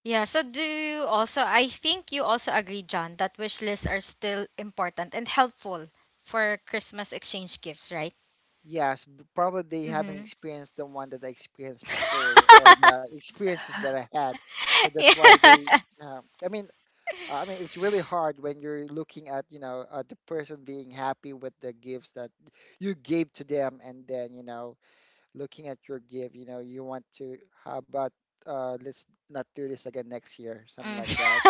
Yeah. So, do you also? I think you also agree, John, that wish lists are still important and helpful for Christmas exchange gifts, right?
yes, probably they haven't
Mhm.
experienced the one that I experienced before, or the experiences that I had. So that's why they,
Yeah.
I mean, uh, I mean, it's really hard when you're looking at, you know, the person being happy with the gifts that you gave to them, and then, you know, looking at your gift, you know, you want to, how about, let's not do this again next year, something
Mm.
like that.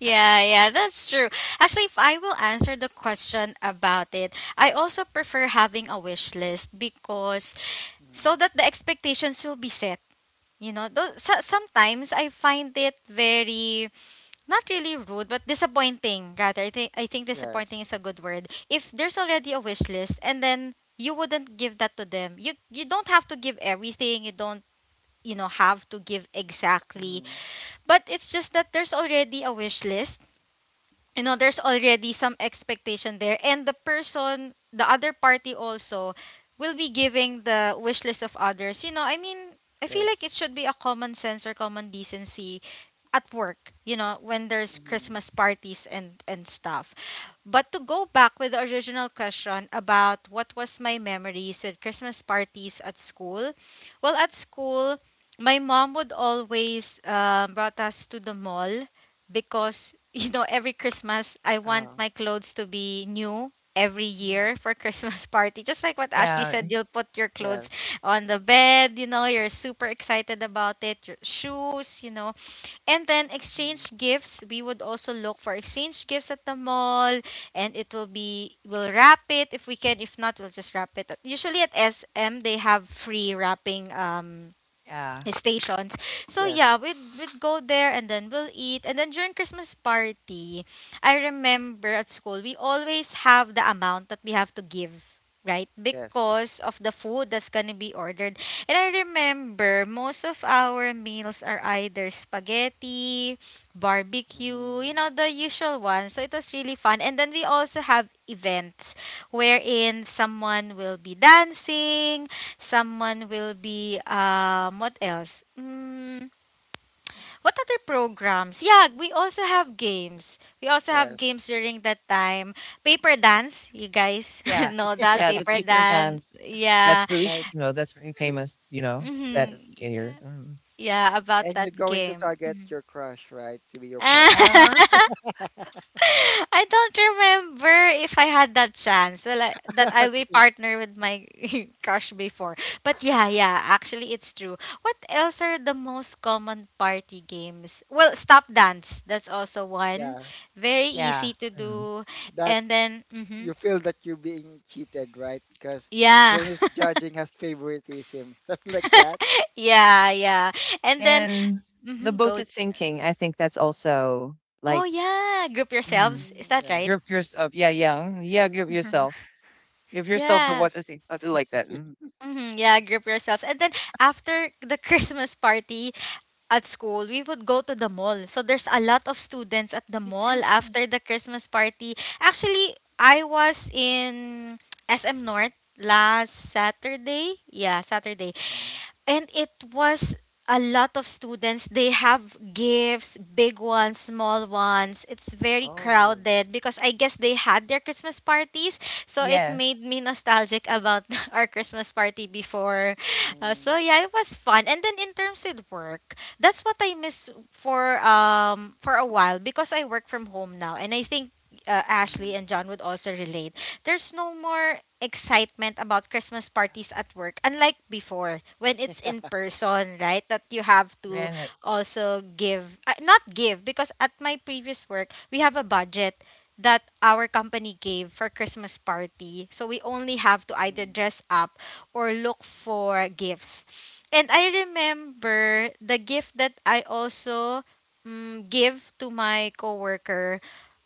Yeah, yeah, that's true. Actually, if I will answer the question about it, I also prefer having a wish list because
Mm,
so that the expectations will be set. You know, though, so, sometimes I find it very not really rude, but disappointing. Rather, I think
yes.
disappointing is a good word. If there's already a wish list and then you wouldn't give that to them, you don't have to give everything. You don't, you know, have to give exactly.
Mm-hmm.
But it's just that there's already a wish list, you know, there's already some expectation there, and the person, the other party also will be giving the wish list of others, you know, I mean, I feel like
Yes.
it should be a common sense or common decency at work, you know, when there's
Mm-hmm.
Christmas parties and stuff. But to go back with the original question about what was my memories with Christmas parties at school, well, at school my mom would always brought us to the mall because you know every Christmas I want
Uh,
my clothes to be new every
mm-hmm.
year for Christmas party. Just like what Ashley
Yeah,
said, you'll put your clothes
Yes,
on the bed, you know, you're super excited about it, your shoes, you know. And then
mm-hmm.
exchange gifts, we would also look for exchange gifts at the mall, and it will be, we'll wrap it if we can. If not, we'll just wrap it. Usually at SM they have free wrapping
yeah,
stations. So
Yes,
yeah, we'd, we'd go there and then we'll eat. And then during Christmas party, I remember at school we always have the amount that we have to give, right?
yes,
Because of the food that's gonna be ordered. And I remember most of our meals are either spaghetti, barbecue, you
mm-hmm.
know, the usual ones. So it was really fun. And then we also have events wherein someone will be dancing, someone will be what else? Mm, what other programs? Yeah, we also have games. We also have
Yes.
games during that time. Paper dance, you guys
yeah,
know that
yeah, the
paper dance.
paper-thin. That's
Yeah.
really,
And
that's really
y-
famous, that
Hmm.
yes,
in your mhm.
Yeah, about
and you're
that
going to
game.
target
Mhm.
your crush, right, to be your partner.
Or
I don't remember if I had that chance. Well, I, that I'll be
Okay.
partner with my crush before. But yeah, yeah, actually it's true. What else are the most common party games? Well, stop dance. That's also one.
Yeah,
Very
yeah,
easy to
mhm,
do.
that,
And then mhm.
you feel that you're being cheated, right? Because the
Yeah.
one who's judging has favoritism, something like that.
Yeah, yeah. And then
and the
mhm,
boat
go.
is sinking, I think that's also,
Oh
like
yeah, group
mhm.
yourselves. Is
Mm,
that right?
yes.
You're yourself, yeah, yeah, mhm, yeah, give
Mhm.
yourself, give yourself the
Yeah.
what is it, I do like that, mhm.
Hmm, yeah, grip yourselves. And then after the Christmas party at school, we would go to the mall. So there's a lot of students at the mall after the Christmas party. Actually, I was in SM North last Saturday. Yeah, Saturday,
Mhm.
and it was a lot of students. They have gifts, big ones, small ones. It's very
Oh.
crowded because I guess they had their Christmas parties. So it
Yes,
made me nostalgic about our Christmas party before. Uh,
Mm-hmm.
so yeah, it was fun. And then in terms with work, that's what I miss for a while, because I work from home now. And I think
Mm-hmm,
Ashley and John would also relate, there's no more excitement about Christmas parties at work, unlike before when it's in person, right? That you have to
ran it.
also give, not give, because at my previous work, we have a budget that our company gave for Christmas party. So we only have to either
mm-hmm.
dress up or look for gifts. And I remember the gift that I also give to my coworker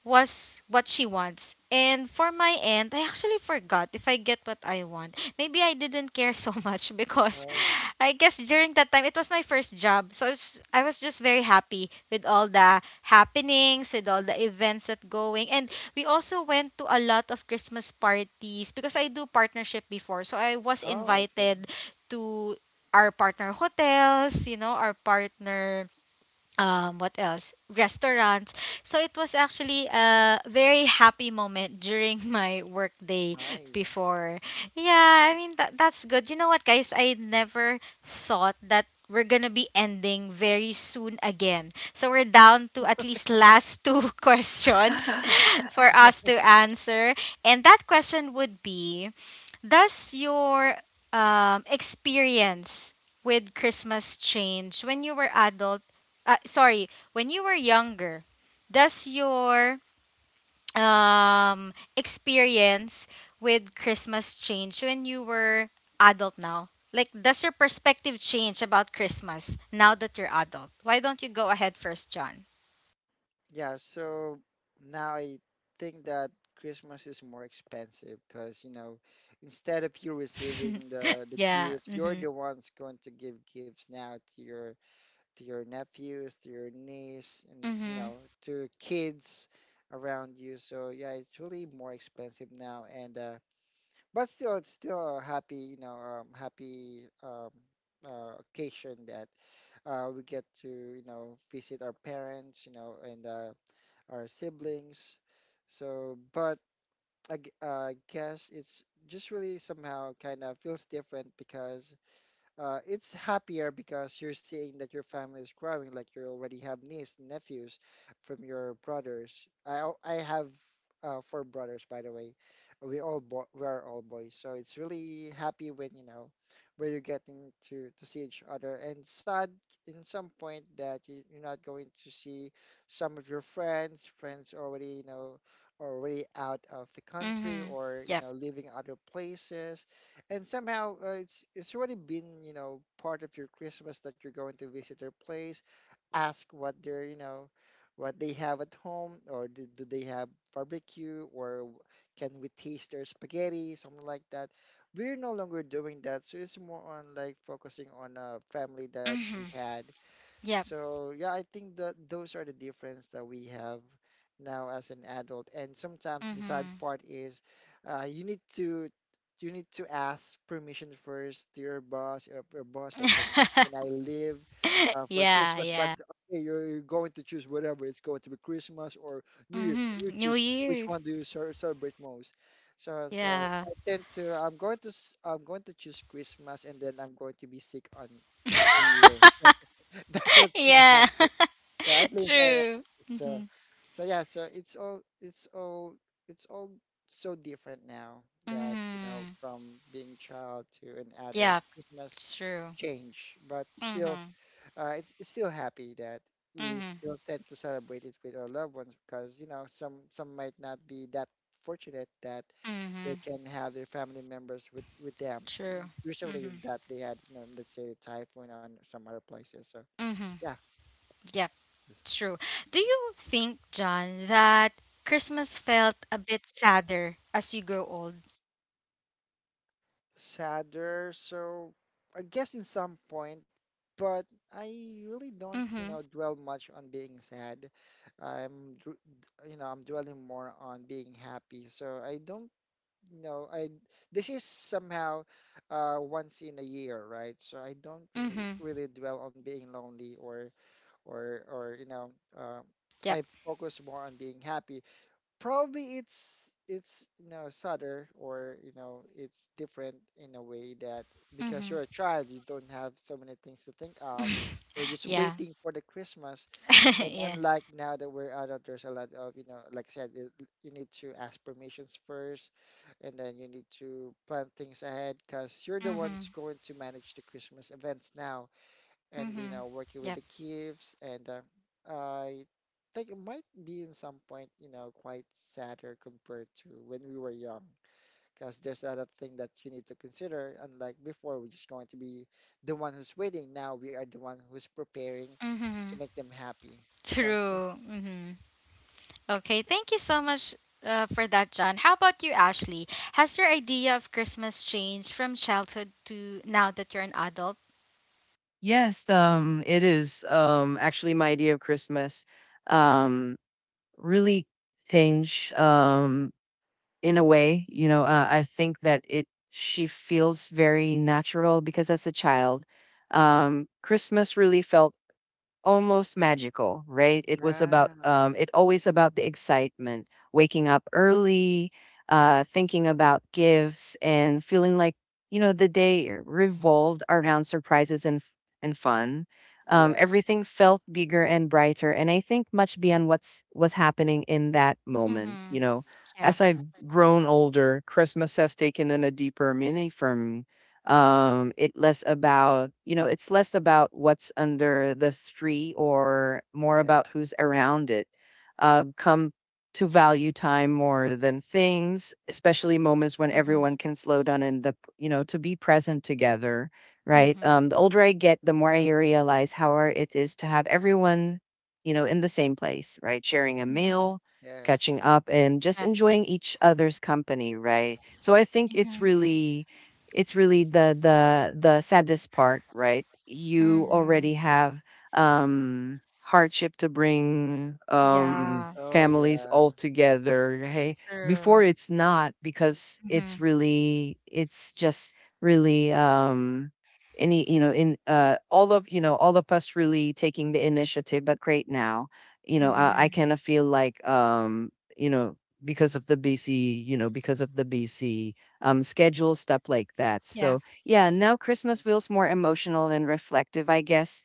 was what she wants. And for my end, I actually forgot if I get what I want. Maybe I didn't care so much because
Oh.
I guess during that time it was my first job. So I was just very happy with all the happenings, with all the events that going. And we also went to a lot of Christmas parties because I do partnership before. So I was
Oh, okay.
invited to our partner hotels, you know, our partner what else, restaurants. So it was actually a very happy moment during my work day
Nice.
before. Yeah, I mean that, that's good. You know what, guys, I never thought that we're gonna be ending very soon again, so we're down to at least last two questions for us to answer. And that question would be, does your experience with Christmas change when you were adult, sorry, when you were younger, does your experience with Christmas change when you were adult now? Like, does your perspective change about Christmas now that you're adult? Why don't you go ahead first, John?
Yeah, so now I think that Christmas is more expensive because, you know, instead of you receiving the
Yeah.
gift, you're
Mhm.
the ones going to give gifts now to your nephews, to your niece, and, you
Mhm.
know, to kids around you. So yeah, it's really more expensive now, and but still, it's still a happy, you know, happy occasion that we get to, you know, visit our parents, you know, and our siblings. So, but I guess it's just really somehow kind of feels different because it's happier because you're seeing that your family is growing, like you already have nieces, nephews from your brothers. I have four brothers, by the way. We are all boys, so it's really happy when, you know, where you're getting to see each other, and sad in some point that you're not going to see some of your friends. Friends already, you know, already out of the country,
Mhm.
or you
Yep.
know, living other places, and somehow it's already been, you know, part of your Christmas that you're going to visit their place, ask what they're, you know, what they have at home, or do they have barbecue, or can we taste their spaghetti, something like that. We're no longer doing that, so it's more on like focusing on a family that we
Mhm.
had.
Yep.
So yeah, I think that those are the difference that we have now as an adult. And sometimes the sad
Mhm.
part is, you need to ask permission first to your boss. Your boss, I can I leave for
Yeah.
Christmas? But
Yeah.
okay, you're going to choose whatever. It's going to be Christmas or New Year.
Mhm.
You
New
choose which
Year.
one do you celebrate most. So
Yeah.
I tend to, I'm going to choose Christmas and then I'm going to be sick on New Year. That's what's gonna
Yeah.
happen. So at least
True.
so
Mm-hmm.
so yeah, so it's all, it's all so different now that, you know,
Mm-hmm.
from being child to an adult
Yeah,
Christmas
it's true.
change, but still
Mm-hmm.
it's still happy that we
Mm-hmm.
still tend to celebrate it with our loved ones, because you know some might not be that fortunate that they
Mm-hmm.
can have their family members with them.
True.
Usually
Mm-hmm.
that they had, you know, let's say the typhoon on some other places, so
Mm-hmm.
yeah.
Yep, true. Do you think, John, that Christmas felt a bit sadder as you grow old?
Sadder. So I guess in some point, but I really don't, you
Mm-hmm.
know, dwell much on being sad. I'm, dr- you know, I'm dwelling more on being happy. So I don't know. I, this is somehow once in a year, right? So I don't, you know,
Mm-hmm.
really dwell on being lonely, or you know, uh,
Yep.
I focus more on being happy. Probably it's, you know, sadder, or you know, it's different in a way, that because
Mm-hmm.
you're a child you don't have so many things to think of, you're just
yeah.
waiting for the Christmas. And
yeah.
unlike now that we're adult, there's a lot of, you know, like I said it, you need to ask permissions first, and then you need to plan things ahead because you're the
Mm-hmm.
ones going to manage the Christmas events now, and you
Mm-hmm.
know, working with the
Yep.
gifts, and I think it might be in some point, you know, quite sadder compared to when we were young, because there's other thing that you need to consider. Unlike before, we're just going to be the one who's waiting, now we are the one who's preparing to
Mm-hmm.
make them happy. So yeah.
True. Mm-hmm. Okay, thank you so much for that, John. How about you, Ashley? Has your idea of Christmas changed from childhood to now that you're an adult?
Yes, it is, actually my idea of Christmas, um really change in a
Mm.
way, you know, I think that it she feels very natural because as a child Christmas really felt almost magical, right? It was about
Yeah.
it always about the excitement, waking up early, thinking about gifts and feeling like, you know, the day revolved around surprises and fun.
Yes.
Everything felt bigger and brighter, and I think much beyond what's was happening in that moment,
Mm-hmm.
you know.
Yeah.
As I've
Mm.
grown older, Christmas has taken on a deeper meaning for it less about, it's less about what's under the tree, or more
Yes.
about who's around it. Come to value time more than things, especially moments when
Mm-hmm.
Mhm.
everyone can slow down and the, to be present together, right?
Mm-hmm.
The older I get, the more I realize how hard it is to have everyone, you know, in the same place, right, sharing a
Mhm.
Mm-hmm.
meal, catching
Yes.
up, and just
Yeah.
enjoying each other's company, right? So I think it's
Mm-hmm.
really, it's really the saddest part, right? You
Mm-hmm.
already have hardship to bring
Yeah.
Oh
families
yeah.
all together. Hey,
True.
before it's not because
Mm-hmm.
it's really, it's just really any, you know, in all of, all of us really taking the initiative, but great now, I
Mm-hmm.
kind of feel
Mhm.
like you know because of the bc, you know because of the bc, schedules, stuff like that.
Yeah.
So yeah, now Christmas feels more emotional and reflective, I guess.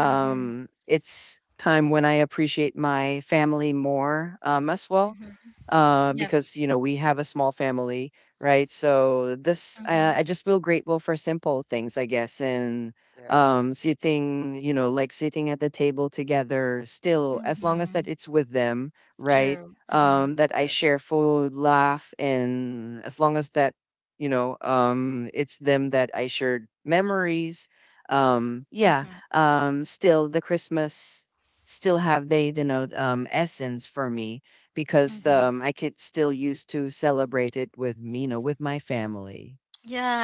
Mm-hmm.
It's time when I appreciate my family more as well,
Mm-hmm.
Mhm.
Yep.
because you know we have a small family, right? So this,
Mm-hmm.
I just feel grateful for simple things, I guess, and
Yes,
sitting, like sitting at the table together still, as long as
Mm-hmm.
that it's with them, right,
True. Mm-hmm.
that I
yes.
share food, laugh, and as long as that, it's them that I shared memories. Yeah, still the Christmas still have they denote essence for me, because
Mhm.
Mm-hmm.
I could still used to celebrate it with me, you know, with my family,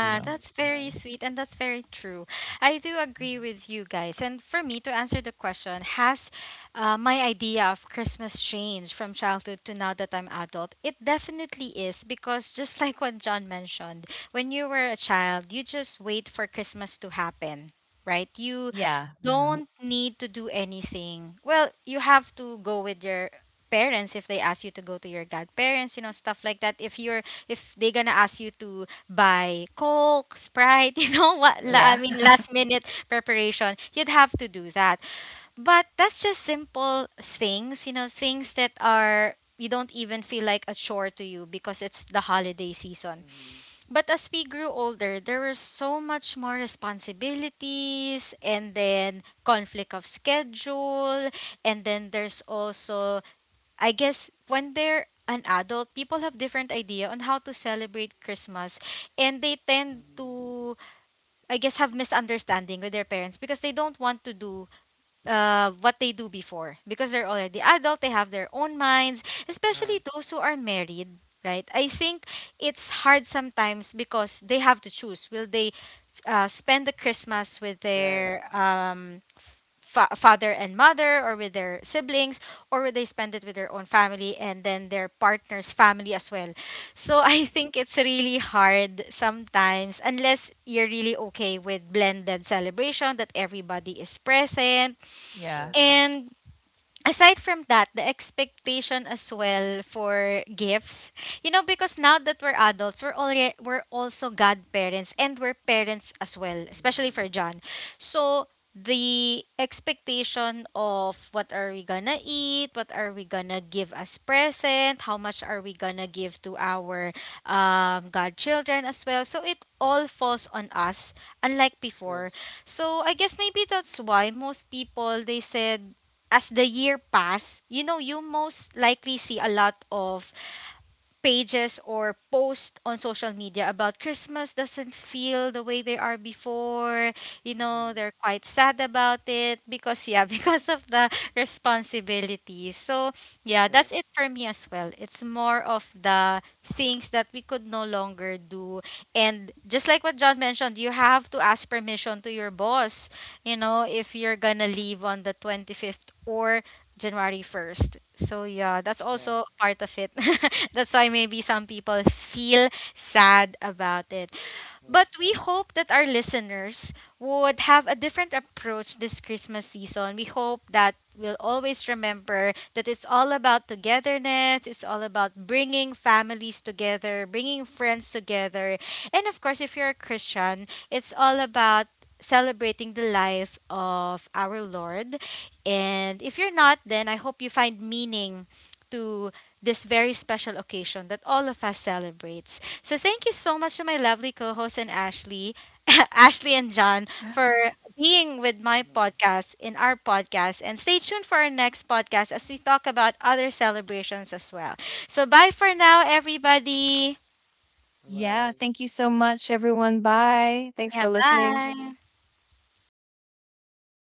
you know.
that's
that's very
nice.
Mhm.
sweet and that's very true. I do agree
Mhm.
with you guys. And for me to answer the question, has my idea of Christmas changed from childhood to now that I'm adult? It definitely is because just like what John mentioned, when you were a child, you just wait for Christmas to happen, right? You
Yeah. Mhm.
don't need to do anything. Well, you have to go with your parents if they ask you to go to your godparents, you know, stuff like that. If they're going to ask you to buy Coke, Sprite,
Yes,
I
Yeah.
mean
yes.
last minute preparation. You'd have to do that. But that's just simple things, you know, things that are you don't even feel like a chore to you because it's the holiday season.
Mm-hmm.
But as we grew older, there were so much more responsibilities and then conflict of schedule and then there's also I guess when they're an adult, people have different idea on how to celebrate Christmas and they tend
Mm-hmm.
to I guess have misunderstanding with their parents because they don't want to do what they do before because they're already adult, they have their own minds,
Uh,
especially those who are married, right? I think it's hard sometimes because they have to choose. Will they spend the Christmas with
yes.
their father and mother or with their siblings or will they spend it with their own family and then their partner's family as well? So I
Mm,
think it's really hard sometimes unless you're really okay with blended celebration that everybody is present.
Yeah.
yes.
And aside from that, the expectation as well for gifts. You know, because now that we're adults, we're also godparents and we're parents as well, especially
Mm-hmm.
for John. So the expectation of what are we gonna eat, what are we gonna give as present, how much are we gonna give to our godchildren as well. So it all falls on us, unlike before.
Yes.
So I guess maybe that's why most people they said as the year pass, you know, you most likely see a lot of pages or posts on social media about Christmas doesn't feel the way they are before. You know,
Mm-hmm.
they're quite sad about it because, yeah, because of the responsibilities. So, yeah, that's it
Yes.
for me as well. It's more of the things that we could no longer do. And just like what John mentioned, you have to ask permission to your boss, you know, if you're gonna leave on the 25th or January 1st. So yeah, that's
Yeah.
also part of it. That's why maybe some people feel sad about it. But
Yes.
we hope that our listeners would have a different approach this Christmas season. We hope that we'll always remember that it's all about togetherness, it's all about bringing families together, bringing friends together. And of course, if you're a Christian, it's all about celebrating the life of our Lord. And if you're not, then I hope you find meaning to this very special occasion that all of us celebrates. So thank you so much to my lovely co-host and Ashley, Ashley and John for being with my
Mm.
podcast, in our podcast, and stay tuned for our next podcast as we talk about other celebrations as well. So bye for now, everybody.
Yeah.
Bye.
Thank you so much, everyone. Bye. Thanks
Yeah,
for listening.
bye.